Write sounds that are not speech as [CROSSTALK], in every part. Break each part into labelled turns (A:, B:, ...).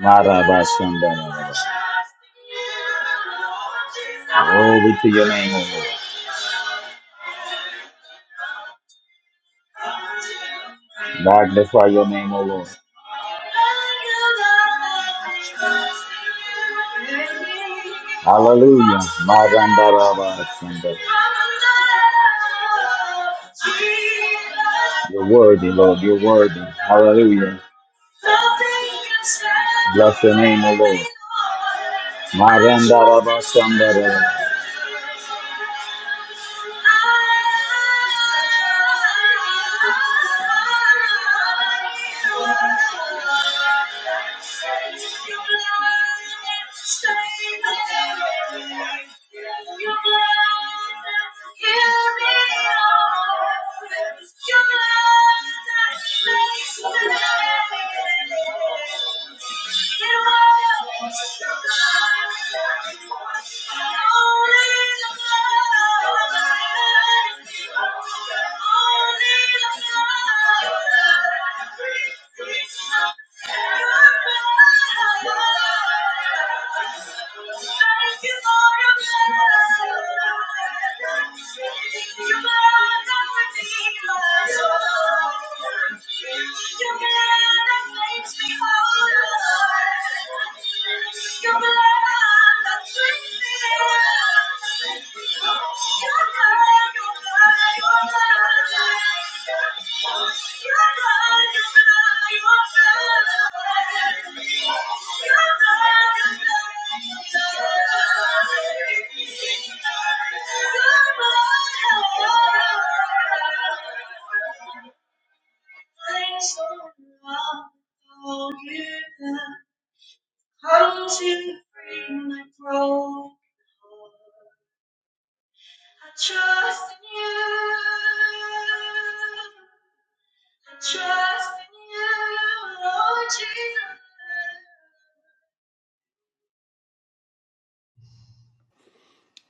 A: Marabashandarabas. Glory to your name, O Lord. Magnify your name, O Lord. Hallelujah. Marandarabashandar. You're worthy, Lord. You're worthy. Hallelujah. Bless the name of the Lord. Maranda Rabasandara.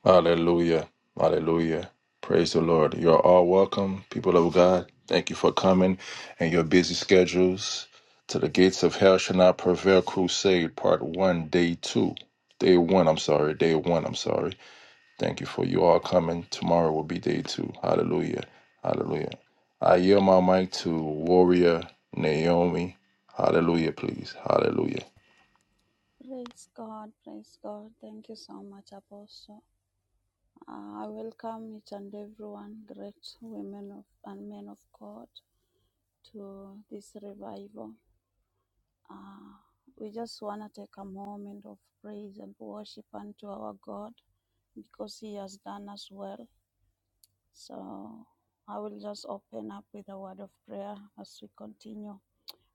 B: Hallelujah. Hallelujah. Praise the Lord. You're all welcome, people of God. Thank you for coming and your busy schedules to the Gates of Hell Shall Not Prevail Crusade, Part 1, Day 2. Day 1, I'm sorry. Day 1, I'm sorry. Thank you for you all coming. Tomorrow will be Day 2. Hallelujah. Hallelujah. I yield my mic to Warrior Naomi. Hallelujah, please. Hallelujah.
C: Praise God, praise God. Thank you so much, Apostle. Uh, I welcome each and everyone, great women of, and men of God, to this revival. Uh, we just want to take a moment of praise and worship unto our God because He has done us well. So I will just open up with a word of prayer as we continue.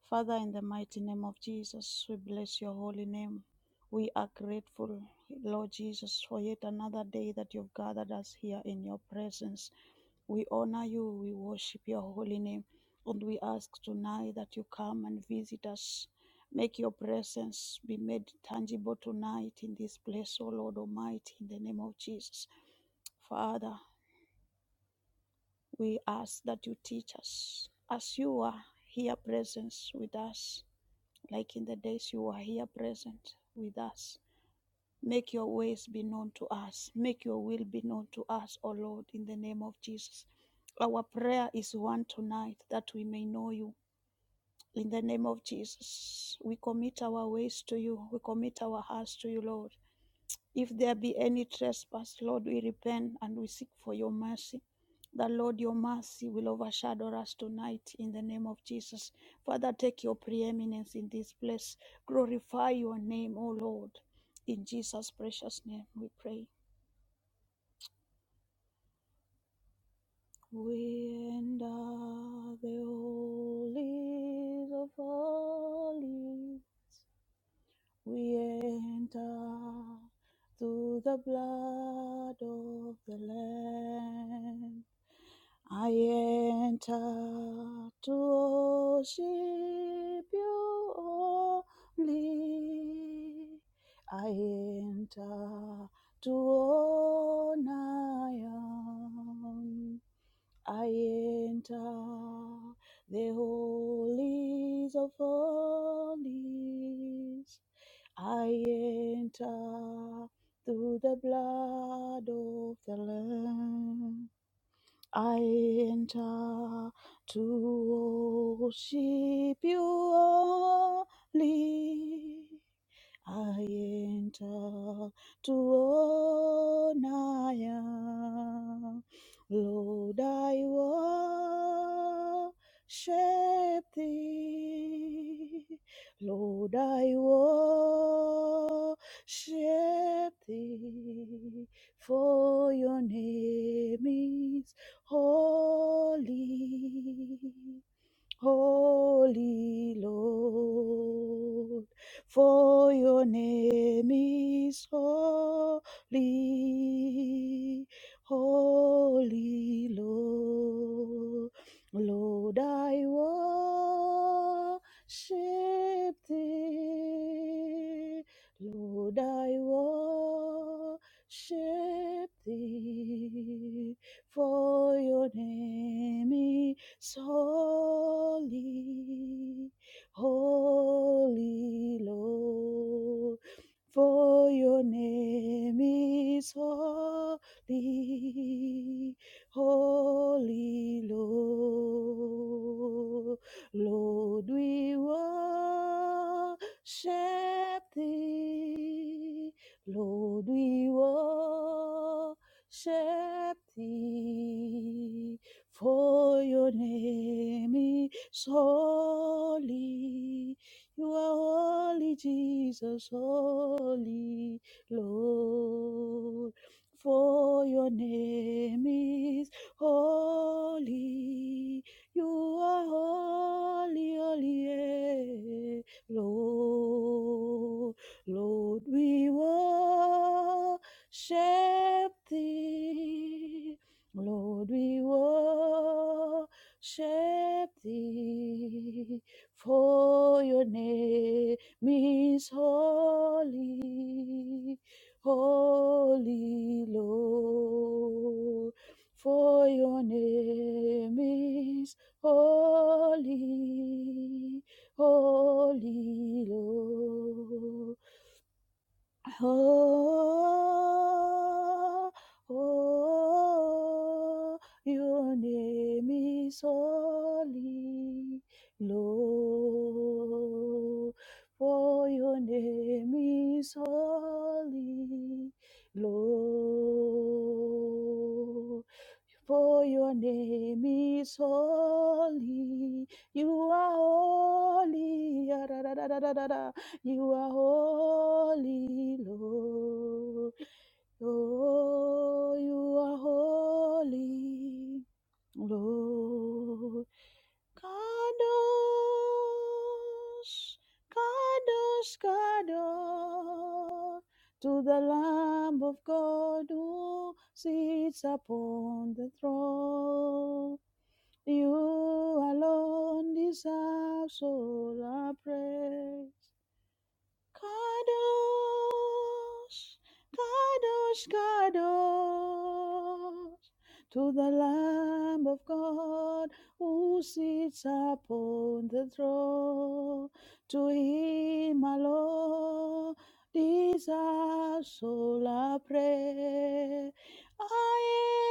C: Father, in the mighty name of Jesus, we bless your holy name. We are grateful, Lord Jesus, for yet another day that you've gathered us here in your presence. We honor you, we worship your holy name, and we ask tonight that you come and visit us. Make your presence be made tangible tonight in this place, O Lord Almighty, in the name of Jesus. Father, we ask that you teach us as you are here presence with us like in the days you were here present with us. Make your ways be known to us. Make your will be known to us, O Lord, in the name of Jesus. Our prayer is one tonight that we may know you. In the name of Jesus, we commit our ways to you. We commit our hearts to you, Lord. If there be any trespass, Lord, we repent and we seek for your mercy. That, Lord, your mercy will overshadow us tonight in the name of Jesus. Father, take your preeminence in this place. Glorify your name, O Lord. In Jesus' precious name we pray. We enter the holies of holies. We enter through the blood of the Lamb. I enter to worship you only. I enter to honor you. I enter the holies of holies. I enter through the blood of the Lamb. I enter to worship you only. I enter to own I am. Lord, I worship thee. Lord, I worship thee. For your name is holy. Holy Lord, for your name is holy, holy Lord. Lord, I worship thee. Lord, I worship thee, for your name holy, holy Lord. For your name is holy, holy Lord. Lord, we worship thee. Lord, we worship thee for your name is holy. You are holy, Jesus, holy Lord. For your name is holy. You are holy, holy, eh, Lord. Lord, we worship thee. Lord, we worship thee, for your name is holy, holy Lord, for your name is holy, holy Lord. Oh, oh, your name is holy, Lord. For your name is holy, Lord. For your name is holy, you are holy. You are holy, Lord. Oh, you are holy, Lord. Kadosh, Kadosh, Kadosh, to the Lamb of God who sits upon the throne. You alone deserve all our praise. Kadosh, Kadosh, Kadosh to the Lamb of God who sits upon the throne. To him alone these our soul I pray. Aye,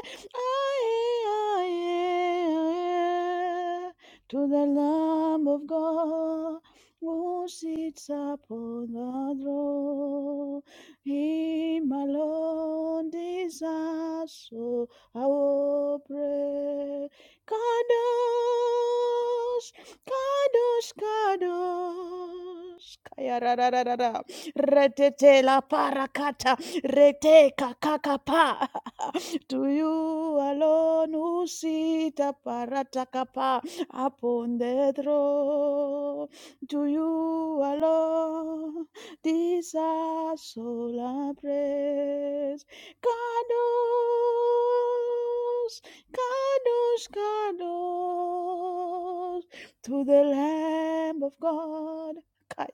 C: aye, aye, aye, aye. To the Lamb of God who sits upon the throne. Him alone deserves all our praise. Kadosh, Kadosh, Kadosh. Kaya ra ra ra ra ra. Retete la parakata, rete kakakapa. [LAUGHS] To you alone who sit aparatakapa upon the throne. To you alone deserves all our praise. Kadosh, Kadosh, Kadosh, to the Lamb of God. Kai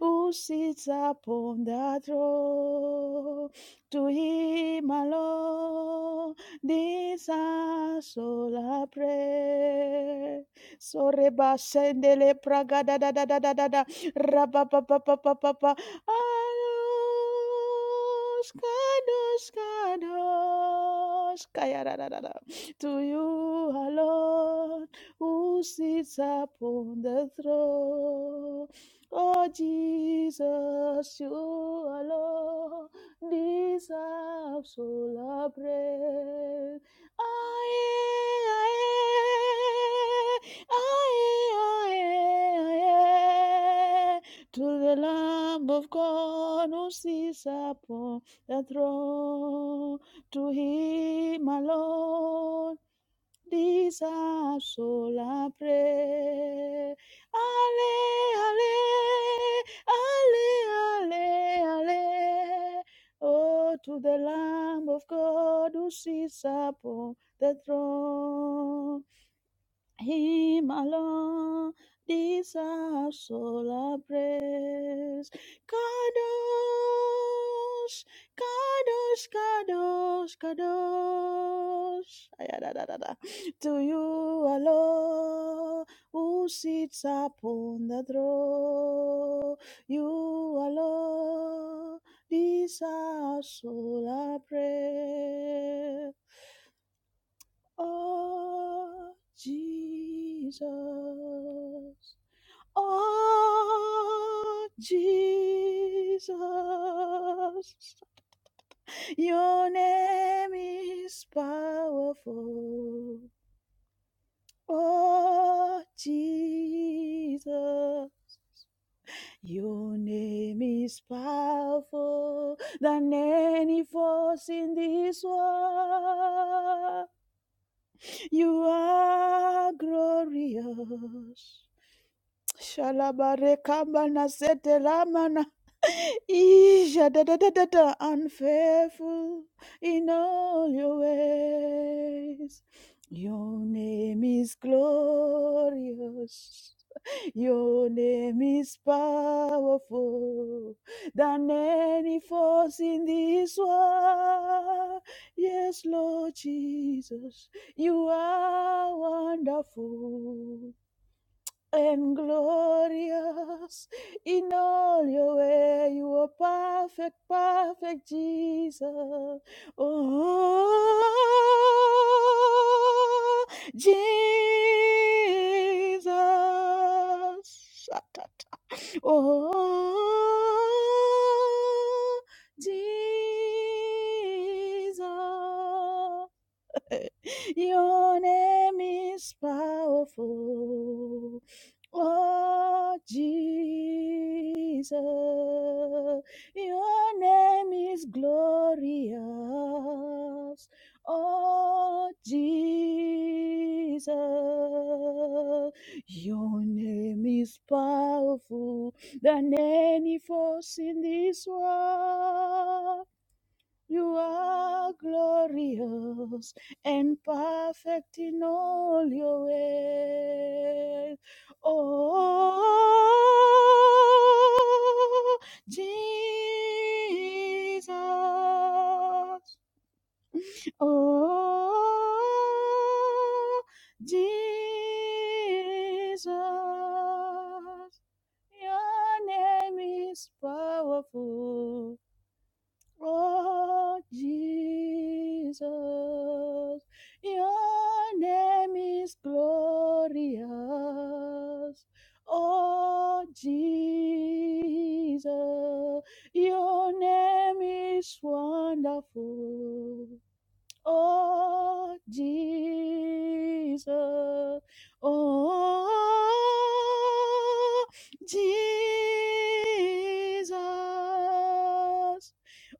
C: who sits upon the throne. To him alone, this our soul prayer. So reba sendele praga da da da da da da da. Raba pa pa pa pa pa pa. Ados, kados, kados. Kaya da da da da. To you alone, who sits upon the throne. Oh, Jesus, you alone deserve solar praise. Aye, aye, aye, aye, aye. To the Lamb of God who sits upon the throne, to him alone. Disa sola pre. Ale, ale, ale, ale, ale. Oh, to the Lamb of God who sits upon the throne. Him alone deserves all our praise. Kadosh, Kadosh, Kadosh, Kadosh. Ayadadadada. To you alone who sits upon the throne. You alone deserves all our praise. Oh, Jesus. Oh, Jesus. Your name is powerful. Oh, Jesus. Your name is powerful than any force in this world. You are glorious. Shalabarekambana setelamana isha da da da da da unfaithful in all your ways. Your name is glorious. Your name is powerful than any force in this world. Yes, Lord Jesus, you are wonderful and glorious in all your way. You are perfect, perfect Jesus. Oh, Jesus. Oh, Jesus. Your name is powerful. Oh, Jesus. Your name is glorious. Oh, Jesus. Your name is powerful than any force in this world. You are glorious and perfect in all your ways. Oh, Jesus. Oh, Jesus. Your name is powerful. Oh, Jesus, your name is glorious. Oh, Jesus, your name is wonderful. Oh, Jesus. Oh, Jesus.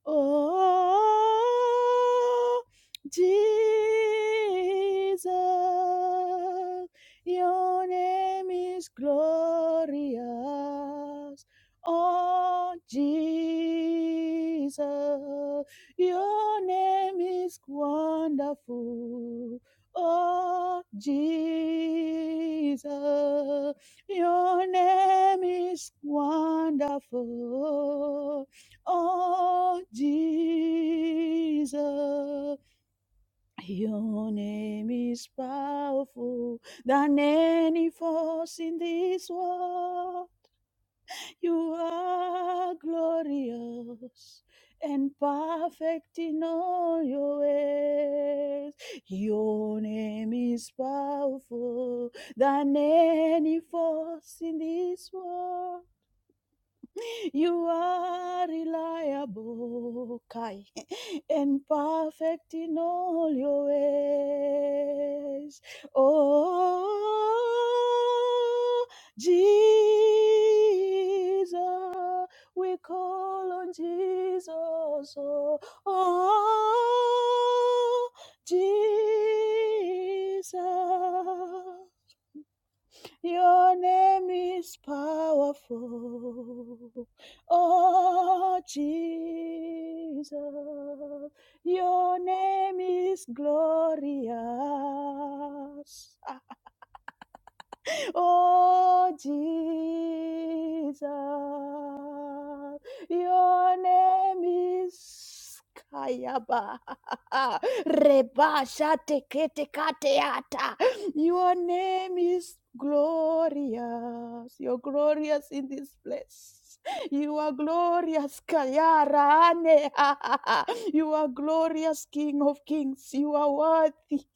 C: Oh, Jesus. Your name is glorious. Oh, Jesus. Your name is wonderful. Oh, Jesus. Your name is wonderful. Oh, Jesus. Your name is powerful than any force in this world. You are glorious and perfect in all your ways. Your name is powerful than any force in this world. You are reliable. Kai and perfect in all your ways. Oh, Jesus, we call on Jesus. Oh, oh Jesus. Your name is powerful. Oh, Jesus. Your name is glorious. Oh, Jesus, your name is Kayaba. [LAUGHS] Rebasha tekete kateata. Your name is glorious. You're glorious in this place. You are glorious, Kayarane. [LAUGHS] You are glorious, King of Kings. You are worthy.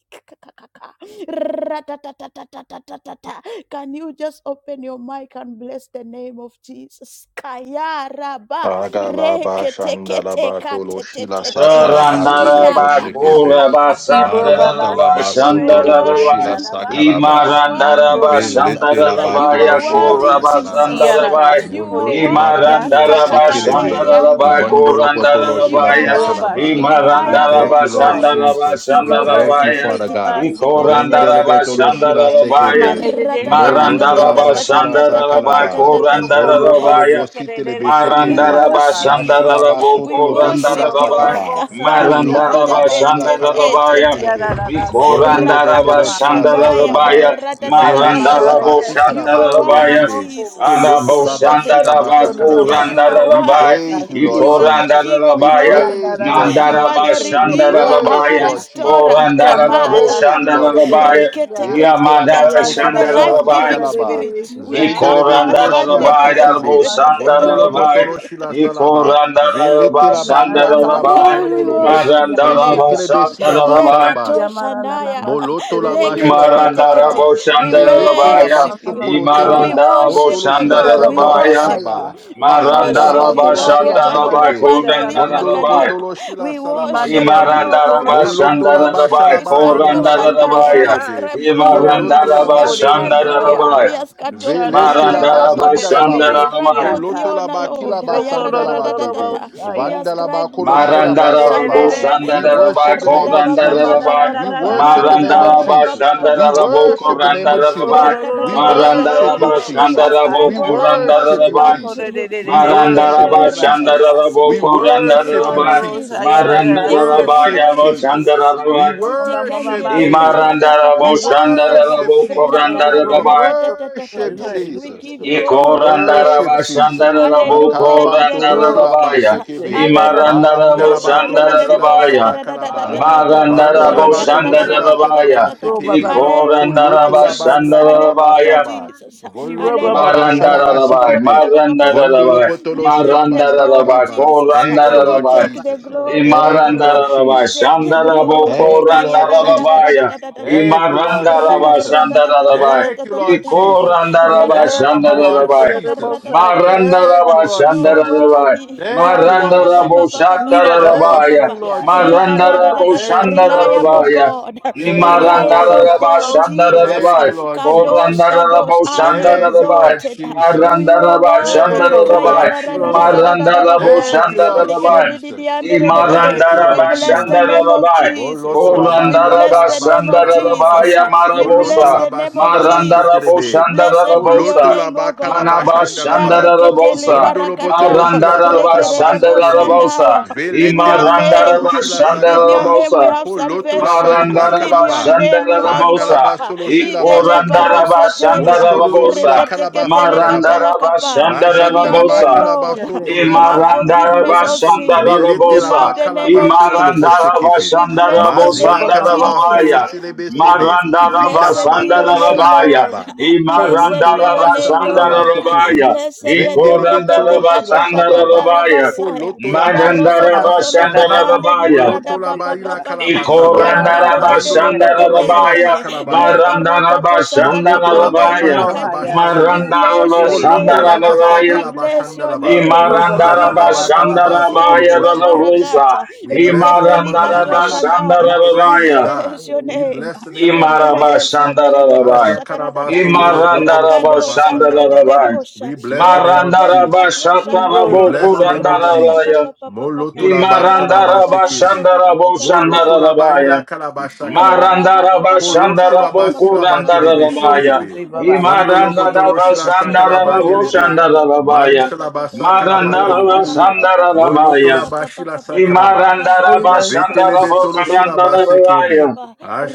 C: [LAUGHS] Ratatatatatatatata. Can you just open your mic and bless the name of Jesus? Kayaraba
B: Agalaba shandalaba tolo shila
C: reketeketekatete.
B: sakalaba
D: Satesrika
B: tolo
C: Ya
A: Sharandaraba
C: pa
D: manu,
C: pa pa
B: boshekebe
A: Kuraba
C: pa.
D: satirika
E: Hiro baba
D: parani,
A: Sataraba
B: malatalaba
C: You
D: satirika
E: shikorere
C: are
B: sotolo
D: parani.
A: Shandaraba
B: boshila
C: worthy.
D: We
E: kararabase.
C: You
D: bless
B: sakalaba
C: are
D: your name,
C: worthy,
E: Hiro
A: Imarandaraba
D: O
E: baba
D: God.
B: velete
C: Jesus.
B: laba
D: You
A: Shandaraba
C: You
E: shikanama
D: are
C: are
B: tolo
D: worthy,
B: shila
E: shikere.
D: O
C: worthy,
A: Yakuraba
D: Jesus.
C: Jesus.
B: sakalaba
D: You
E: Hiarara
A: Sandaraba
D: are
C: You
D: worthy
C: are
D: to
E: shikorere
B: moloto
D: be
B: laba
E: diya
C: worthy.
B: kila
D: glorified.
A: Imarandaraba
D: You
E: siyaranama
D: are
C: Kakakate
B: shekelebe
D: worthy in
E: shikere
A: Shandaraba
C: yande.
D: this
B: vandolo
E: diya.
D: place.
B: potolo
C: You
B: shila
C: are
D: Amen.
A: Kurandaraba
E: Hiro ba
C: worthy,
B: sakalaba
E: sheke
D: Satirika
B: we
E: mandio
D: parani,
B: thank
A: Imarandaraba
C: reliable
B: you Lord
C: God.
E: kaya.
A: Shandaraba
B: Jesus
D: satirika
B: we
E: Hiro ba
B: thank
D: parani,
B: you
A: Shandaraba
E: sheke
B: Father
D: satata
E: baba
B: God
D: parani,
E: siyerere
A: Ikorandaraba
B: vendelebe
E: siya.
D: satirika
B: tolo shila
D: manu.
E: Ishama
A: Shandaraba
B: sekebe
E: nerere
D: Radezi
E: diya
D: lika
B: Moloto
D: manu,
B: la
A: Marandaraba
B: bashi
D: sataka
B: la
E: siyaranabase.
B: saka
D: pati.
B: la
A: Shandaraba
B: ba.
D: You are
C: [LAUGHS]
E: Ishoko
D: worthy, O
B: Voloto
E: roba
B: lo
A: Kurandaraba
D: Lord.
B: bosite
D: You
B: le
E: sikerere
D: are worthy
E: siya
C: We
D: to
B: beshekebe.
D: be
A: Marandaraba
C: worship
D: glorified.
C: you.
B: Mashi
E: tatabase.
B: la
A: Shandarabo
B: basoto
C: We
B: lo
E: Yo
B: boshi
C: worship
B: la
C: you. [LAUGHS]
A: Korandaraba
E: kororo
B: sakaba.
E: bolsa
C: Kapande,
E: ira da
C: te-
B: Poloto
C: te-
E: da
B: la
A: Marandaraba
C: te-
B: bali la
C: te-
E: sikere.
C: te-
B: kalaba
C: te-
A: Shandarabaya
C: te.
E: Ira da da da sikere.
B: Vondolo
A: Vikorandaraba
B: botolo
C: Rakato
E: Chamara
B: shila sa
E: sikere.
C: Shandaya.
B: kalaba.
A: Shandarabaya
B: Vele
E: Chamara
B: shila
E: da
A: Marandarabo
C: ratatatatata.
B: basi
E: kashi
C: You
D: If
B: kalaba
D: you
C: are
D: walk
B: kolo
E: sikere
D: to
E: na
C: worthy,
A: Shatarabaya
D: the
B: hende.
E: moko.
B: Poloto
A: Arabo
C: Jesus. Te-
B: laba
D: right,
C: te-
B: shila
C: te- te-
E: Yo
A: Shandaraba
B: basa
D: you
C: te-
D: will
E: no
C: te.
E: no
B: kalaba.
C: You
E: moko
C: are
D: overcome
B: We
D: the
E: sikere
A: Kurandarabaya
D: world
E: da
C: worthy.
B: praise you,
D: around
B: Lord
C: You
E: sikere.
C: are the
B: Jesus.
D: you.
C: King of
B: We
D: My
A: Ikorandarabaya
E: Ya
C: glory.
D: heart
E: na
B: praise
E: da
B: you,
D: is
E: da
B: Lord
E: ba
D: full, but
C: You
D: I cannot
C: are
A: Nandaraba
C: the
B: Jesus.
E: sikere
D: tell
B: We
E: roba ba
C: redeemer,
D: you why.
B: praise you,
C: our
E: ya.
A: Shandarabaya
B: Lord
D: I am
C: restorer,
B: Jesus.
D: lonely,
B: We
D: and
E: Chamara
A: Korandarabo
D: my
C: kapaya,
E: da
B: praise
D: mind
B: you,
D: is
C: [LAUGHS]
B: Lord
E: sikore de
D: filled
E: de
B: Jesus.
A: Shandarabaya
E: ya.
D: with
B: Ele
D: thoughts of
B: tilaba
D: you.
A: Yamadara
D: I
E: Chamara
C: reketeketetete,
B: sotolo
C: the
E: da da
D: am
B: shila sa
D: so
A: Shandarabaya
C: life-giving
E: sikere de
B: kalaba.
E: de
C: spirit. We
D: lost,
E: ya.
D: and
B: Vendele
C: kapa
B: betolo shila
D: I
E: Chamara
A: Ikorandarabai,
E: da da
D: cannot
B: sekebe.
E: ba
C: shandetetetetete.
E: sikere de
B: Vondolo
D: find
E: de
A: Darbosandarabai,
B: botolo
E: ya.
B: shila salaba. Vele
A: Ikorandarabai,
E: Ya
B: tilaba
E: na
B: ila
E: na ma
B: kalaba
A: Sandarabai,
C: Lord,
E: sikore
C: we
E: de
B: sondolobo.
C: worship
E: de
C: your name.
A: Marandarabai,
E: ya.
B: Eshekele besila
A: Satarabai,
B: basaraba.
C: Lekato
E: Yamana nana
C: shandaya,
B: Moloto
C: [LAUGHS]
B: la
E: masikere
B: bashila
C: reketeketekete.
B: sakalaba.
A: Imarandarabai,
C: We
D: my
B: Felete la
A: Sandarabaya,
C: worship you.
E: mama
D: way back
C: We
B: basokolotele.
E: ora
D: to
A: Imarandarabai,
C: worship
B: Motolo
C: you,
B: shila
E: ira
C: Lord.
E: da
C: We
B: sakalaba
A: Sandarabaya,
D: you.
C: worship you.
B: saba.
E: boshaya
C: We
E: ira
B: Pasanda
E: da
B: la
C: worship you.
A: Marandarabai,
B: batolo shila
E: boshaya da
D: Father,
C: Lokotolo
D: we
A: Satarabai,
B: sekebe.
D: bless
E: basira
C: kapande
E: da da
D: you.
C: libra
B: Vondolo
D: We
C: kadia.
E: basya
A: Korandarabai,
D: bless
B: botolo
D: you.
B: shila
C: We
B: salaba
C: worship you,
E: imandiya
D: Oh,
B: sekebe.
D: you are
C: Lord.
D: our
E: supora
A: Imarandarabai,
D: God.
E: da
C: We
B: Moloto la
E: basya
C: worship you.
A: Sandarabai,
D: You
B: bashala
D: are our
E: imandiya
B: basanda
C: Iskato
B: la
D: rock, our
B: batolo
E: supora
C: Shandaya.
D: rock
C: We
A: Korandarabaya,
D: of
E: baba
B: shekebe.
C: ascribe
D: Jacob.
E: ina
C: glory.
B: Foloto la
C: We
A: Imarandarabai,
B: ba
D: You
E: masikere
D: are
B: shila
C: ascribe
E: de
D: our
C: glory.
E: siya
A: Sandarabai,
D: beautiful
C: We
B: sakalaba.
D: Father.
C: ascribe
E: ishana
B: Vele
D: Oh,
E: nana
C: presile
B: shila ba
D: Lord,
C: pradia.
A: Marandarabai,
B: sandala
E: masikere
D: only
C: We
D: you
B: babo.
E: de
D: are
C: ascribe
A: Sandarabai,
C: all the
B: Boloto
E: siyata
D: perfect
B: la
C: honor,
B: ba
D: in your
C: Lord.
B: kila ba
D: power,
E: ishokoro
B: sandala
E: da
B: ba
D: and
E: da
B: debe.
D: only
C: Ayarararararara.
D: you
C: We
D: that
E: boshaya
D: you
B: Vandala ba
C: ascribe
D: call
E: Oh, glory,
B: kolo
D: for
B: shila ba
C: Makodo
D: me.
E: glory,
A: Marandarabo
B: saba.
C: Shandaya.
E: glory,
D: Only
B: We
D: you that
A: Shandaraba
B: worship the
D: you
B: name
C: Rikarada
B: of
C: Papa Papa
B: Jesus.
D: have
A: Korandaraba
C: Papa
B: We
C: Papa.
D: glorious in
B: worship the name
D: Jehovah.
B: of
A: Marandaraba
C: Rikarapa
B: Jesus.
C: Papa
D: Oh,
B: We
C: Papa
A: Shandarabo
D: victory,
C: Papa
B: worship the
D: you
B: name of
D: are
C: Papa.
D: victory
A: Korandaraba
B: Jesus.
D: for
B: We
D: me. You are the
C: Rakadadadadadada.
B: worship you,
A: Marandaraba
D: one who
C: We
B: Jesus.
D: saves
A: Shandarabo
C: ascribe
B: We
C: all our
B: worship
D: and
C: worship
B: you,
D: then
A: Korandaraba
D: we
C: unto
B: Jesus.
D: do
C: you.
D: the
B: We
C: Take
D: work
C: the
D: and
B: worship
D: the
B: you,
A: Marandaraba
C: glory,
D: people
B: Jesus.
C: Jesus.
D: are
A: Shandarabo
B: We
D: in
C: Take
D: heaven
C: the
D: for
B: worship you,
C: glory,
A: Korandaraba
D: God.
B: Jesus.
C: Jesus.
B: We
D: Sources of
C: Take the
A: Marandaraba
D: power
B: worship
D: for
C: glory,
A: Yavo
D: God.
B: Jesus.
C: Jesus.
D: You
B: We
D: is
A: Shandaraba
D: the believer
B: worship
D: for
C: Titikandele
D: God. We
B: Jesus.
C: barataka
B: We
A: Imarandarabo
C: papa
D: exalt
C: papa
D: you, we
C: papa.
B: worship
A: Shandarabo
D: we
B: Jesus.
D: exalt
B: We
D: you,
A: Korandaraba
D: Jehovah. For
B: worship
D: you
C: Rakadadadadadadadada.
E: glory,
D: have
C: We
B: Jesus.
E: glory,
D: exalted
C: give you
E: glory.
B: We
C: all
D: yourself
C: the
D: in
B: worship
D: the
A: Ikorandaraba
C: praises.
D: light of
B: Jesus.
D: our life.
A: shandarabo
C: Hallelujah to the
B: Ankalabatolo
C: King of Kings.
A: korandarabaya.
E: He
B: shilabasekebe.
E: does not have
A: Imarandarabo
C: Hallelujah to the
B: Malandalabatolo
C: Lelelelebo
A: shandarabaya.
B: shilabasa kalaba.
C: shakaradadadadadada.
D: Magadara Mandala Baba
A: Magandarabo
E: a
D: Boshandala
B: Vandalabatolo
A: shandarabaya.
E: He
C: Rakadadadadadadadada.
E: roba
B: shilaselabasekepe.
E: baba.
C: Hallelujah,
B: Poloto
A: Ikorandaraba
B: labari
C: Jesus.
B: la
C: Hallelujah,
A: shandarabaya.
B: kalabasaba.
C: Jesus.
E: He
B: Vonloto
E: roba baba.
C: Hallelujah.
A: Marandarabai,
B: labashalabasekebe. Vondolo
A: marandarabai,
B: potolo
C: You take
B: shilaba
C: the glory,
A: marandarabai,
B: sakalaba.
C: Jesus.
B: Thank you,
C: You
E: Baba,
B: Lord
D: everyone
A: korandarabai.
C: take
E: yeah,
C: the
B: Jesus.
D: who
C: glory,
D: has
B: Thank you,
C: Lord.
D: also
B: Lord
C: You
A: Imarandaraba
B: Jesus.
C: take the
A: Shandarabo
D: We
C: glory.
B: Thank you,
D: pray
C: Kaya
D: your
B: Lord
C: ra ra ra
D: glory
C: ra ra
B: Jesus.
C: ra
A: Korandarabaya
C: ra ra ra ra
B: Thank you,
C: ra.
B: Lord
D: utafanana
C: Raka
A: Imarandaraba
C: ra ta
B: Jesus.
C: ta ta
D: imara
C: ta ta
A: Shandarabaya
C: ta
B: Thank
C: ta
B: you,
C: ta ta
B: Lord
D: kushapi
C: ta ta
B: Jesus.
D: litafanaa
C: Raka
A: Ikorandaraba
C: ra
B: Thank
C: ta
B: you,
C: ta ka
B: Lord
D: anapokuwa
C: ra
A: Shandarabaya
C: ta
E: that
D: kwenye
C: ka ra
D: pipa
C: ta
B: Jesus.
C: ta
D: la
C: ta ta ta ta
B: Thank
C: ta.
D: kafarani
B: you,
A: Marandaraba
B: Lord
C: You are
B: Jesus.
A: Shandarabai.
C: worthy.
D: akiba la
B: Thank you,
C: Kaya
B: Lord
D: Musa
C: ra ba ba
A: Marandarabo
C: ba ba
B: Jesus.
D: litapa
C: ba ba ba ba ba
B: Thank
A: Shatarabaya.
D: yeye
B: you,
C: ba.
D: ndio
B: Lord
D: kwake
B: Jesus.
A: Marandarabo
C: Rakaradadadada.
B: Thank you, Lord
D: yeye
C: Reliable
A: Shandarabaya.
B: Jesus.
C: God,
D: kutafuta
B: Thank
E: I
B: you, Lord
D: akosa
C: reliable
A: Nimarandaraba
B: Jesus.
D: tena
C: God, Jesus,
D: kafarani
B: Thank
A: Shandarabai.
B: you, Lord
D: ori
C: Kadosh,
B: Jesus.
D: parani
A: Korandarabo
C: Kadosh,
D: you
C: highly
D: are
B: Thank you,
A: Shandarabai.
D: righteous
B: Lord
C: exalted.
D: you are
C: You,
B: Jesus.
C: you are
D: righteous
A: Marandaraba
C: worthy.
B: Thank you,
C: Kaya
B: Lord
A: Shandarabai.
D: Aleluya,
B: Jesus.
D: Señora.
A: Marandarabo
B: Thank
C: radadadadadadadada.
B: you, Lord
D: Arrabase,
A: Shandarabai.
D: lija para
B: Jesus.
D: mí,
C: Rikadadididiandadadadada.
D: Señor.
B: Thank you,
C: We
B: Lord
D: Muy
C: bless the
D: bien,
B: Jesus.
C: name of
A: Imarandarabashandarabai.
D: Señora.
C: Jesus.
B: Boloto
D: You
B: la
C: We
B: bali la
D: will
C: bless
D: lift
C: the name
B: calabasha
D: your
C: of
B: la
D: head up,
B: baba.
C: Jesus.
A: Korandarabashandarabaya
D: I am
C: We
D: Lord.
B: Foloto
C: bless
A: marabosa.
B: la
C: the name
B: basi
C: of
B: la
D: Arrabasa,
C: Jesus.
D: la
B: basetelebe.
D: tripe,
C: Blessed
D: la
C: be
D: misa,
C: your
A: Marandaraboshandarabosa.
B: Poloto la
C: name,
D: la
B: ba
C: O
D: misa,
C: God.
B: calabashanda
C: We
B: la
D: Señor.
C: are
B: ba.
D: Oh,
C: reketeli
A: Manabashandarabosa.
D: Jesus, your
B: Vondolo
D: hand is
B: botolo
C: barakata.
B: shila
D: power
B: sa
D: and might.
C: Rekerede
B: calabase
D: In your
B: kebe.
D: hand
A: Marandarabashandarabosa.
C: boshandaya.
D: is power
C: In
B: Velete
D: and
C: your
B: la
D: might.
B: ba tolo
C: name,
D: It
B: shila
D: is
C: [LAUGHS]
B: sa
D: in
C: in
D: your
C: your
B: kaba.
D: hand
C: name
A: Imarandarabashandarabosa.
C: we
D: to
C: have
D: make
B: Poloto
D: ready
B: la
C: salvation.
B: bali
D: and to
B: la
D: give
C: In
A: Marandaraba
C: your
B: calaba.
D: strength to
C: name we have
B: Vanda
D: everyone.
B: la
A: Shandarabosa.
C: hope.
B: basolo shila
D: Arrabase, lija
B: basekebe.
A: Ikorandaraba
D: para mí. It is
A: Shandarabosa.
B: Moshorolila
D: you that is
B: kalaba
D: praised.
B: fandalaba.
D: It
A: Marandaraba
D: is you that is
C: In
D: present.
C: your
D: Lord.
B: Majandalaba
C: name,
A: Shandarabosa.
D: It
B: kilaba
D: is
C: Lord,
D: you that
B: sotolo
C: we
D: we
C: have
D: know.
B: boshikipi.
D: In
C: forgiveness
D: your
C: of
D: name
E: was
D: we
C: sin.
D: look.
B: Melete
C: We
A: Imarandarabashandarabosa.
D: In
B: laba
C: love the
D: your
C: name
D: name
B: kalaba
C: of
D: we
B: sotolo
D: bless. In
C: Jesus.
B: boshikipi.
C: We
D: you,
C: bless the
D: O God.
C: name
B: Mazila
C: of
B: kalaba
D: O
C: Jesus.
B: solo
A: Imarandarabashandarabosandaraboya.
D: Rabbeinu,
B: shilebe sebe.
D: Rabbeinu,
B: Vida
C: Blessed
B: laba
C: be your
B: tolo
D: Satelika,
C: name,
B: shila
A: Marandarabashandarabaya.
C: Lord.
B: sakaba.
D: in your
C: [LAUGHS]
D: name
C: Blessed
B: Poloto
D: we
C: be your
B: laba
D: life.
C: name,
B: shakalaba
C: Lord.
D: Arite,
C: [LAUGHS]
B: sekipi.
A: Imarandarabashandarabaya.
D: Nanova,
C: Blessed de de
D: Telika,
C: de
B: Vendelebe
C: de de
B: tolo
D: Paran.
B: shila
C: kato
D: Oh,
C: shakata
B: sakaba.
D: Jesus,
A: Ikorandarabashandarabaya.
D: hello,
C: rabasaya.
D: the
B: Poloto laba
D: Father, God,
C: Baroso
D: the
B: shalaba
C: kotolo
B: sekipi.
C: kapande
A: Marandarabashandarabaya.
D: Lord,
B: Moloto
C: rikrada
B: laba
C: papa papa
B: ila
D: halafu
C: papa.
B: kalaba
D: baadaye
B: saba.
C: Raka
D: mchanganyiko
C: de de de
D: kufanya
B: Vondolo
C: de de de
B: botolo
C: de
D: unga
C: de
B: shila
A: Ikorandarabashandarabaya.
C: de.
D: viazi
C: Le
B: sakalabaye.
D: kulika
C: parata
D: kwa
E: Holy
C: shata
B: Moloto
E: blood
B: la
E: of
D: kurango
C: kapande
B: ba
E: Christ,
B: ila
A: Marandarabashandarabaya.
D: kulika
E: blood
B: kalaba
D: kwa
C: ribragadia.
D: you
C: We
B: shekebe.
D: add a
C: bless
D: ruler
C: your
D: over a
B: Poloto
C: name.
B: la
D: ruler
B: ba
E: of
B: sa
A: Marandarabashandarabaya.
D: you
C: We
B: kalaba
D: roll
C: bless
D: over
C: your
B: shandalaba.
D: each and
C: name. We
B: Mazila ba
C: bless
D: every each
B: kalaba
C: compras
D: and
A: Imarandarabashandarabaya
B: sotolobo
C: kandira
B: shekebe.
A: Ranavusa.
C: barakata.
B: We bless the name
C: Reketeli
B: of
C: kato
B: Jesus. We
C: shandaya. We
B: praise
A: Imarandarabashandarabaya.
B: God.
C: bless your
B: We
C: name.
B: bless the name of
C: We bless your
B: Jesus.
C: you.
A: Imarabashandarabaya.
B: Aja
C: Dededebosha
B: kalaba
C: karadadata.
B: sondolobo tolo shilaba
C: Rakadosha
B: sakaba.
A: Imarandarabashandarabaya.
B: We
C: dededebosha.
B: bless the name of
C: Reketeli
B: Jesus.
C: katosha
B: We
C: ndaya.
B: bless the name of Jesus.
A: Marandarabashatarabokurandarabaya.
B: Moloto
C: Rapapapapapapapa.
B: la ba shalaba sekebe.
C: Rakadadadatatatatatatata.
B: Moloto la ba
A: Imarandarabashandaraboshandarabaya.
B: ila kalaba shakalaba.
C: Ayara ba
A: Marandara
C: ba ba ba ba ba
B: Polo
C: ba ba
B: shola
A: Bashandara
C: ba ba
B: basila
C: ba ba ba
A: Bokurandara
C: ba
B: batelebe
C: ba ba
A: rabaya.
C: ba.
B: shekebe.
C: Rakato
B: Vondolo
A: Imarandara
B: botolo
C: shikete
B: shila
C: te te.
B: sakala
A: Bashandara
C: Rakata
B: batelebe.
C: ta
A: Raboshandara
C: ta ta ta ta
B: Mali
A: rabaya.
C: ta ta
B: shala
C: ta ta
B: basa
C: ta. Ra pa
A: Marandaraba
C: pa
B: kalabatolobo.
D: Thank you.
C: pa pa pa
A: Shandaraboku
C: pa pa pa
B: Moloto
C: pa
B: la
C: pa pa pa
B: bashila
C: pa pa pa pa
B: sakalaba.
C: pa. Ra pa pa pa pa
B: Vetelebe
C: pa pa
B: tolo
C: pa pa pa
B: shila
C: pa pa pa pa pa
A: Randarabaya.
B: basekebe.
C: pa.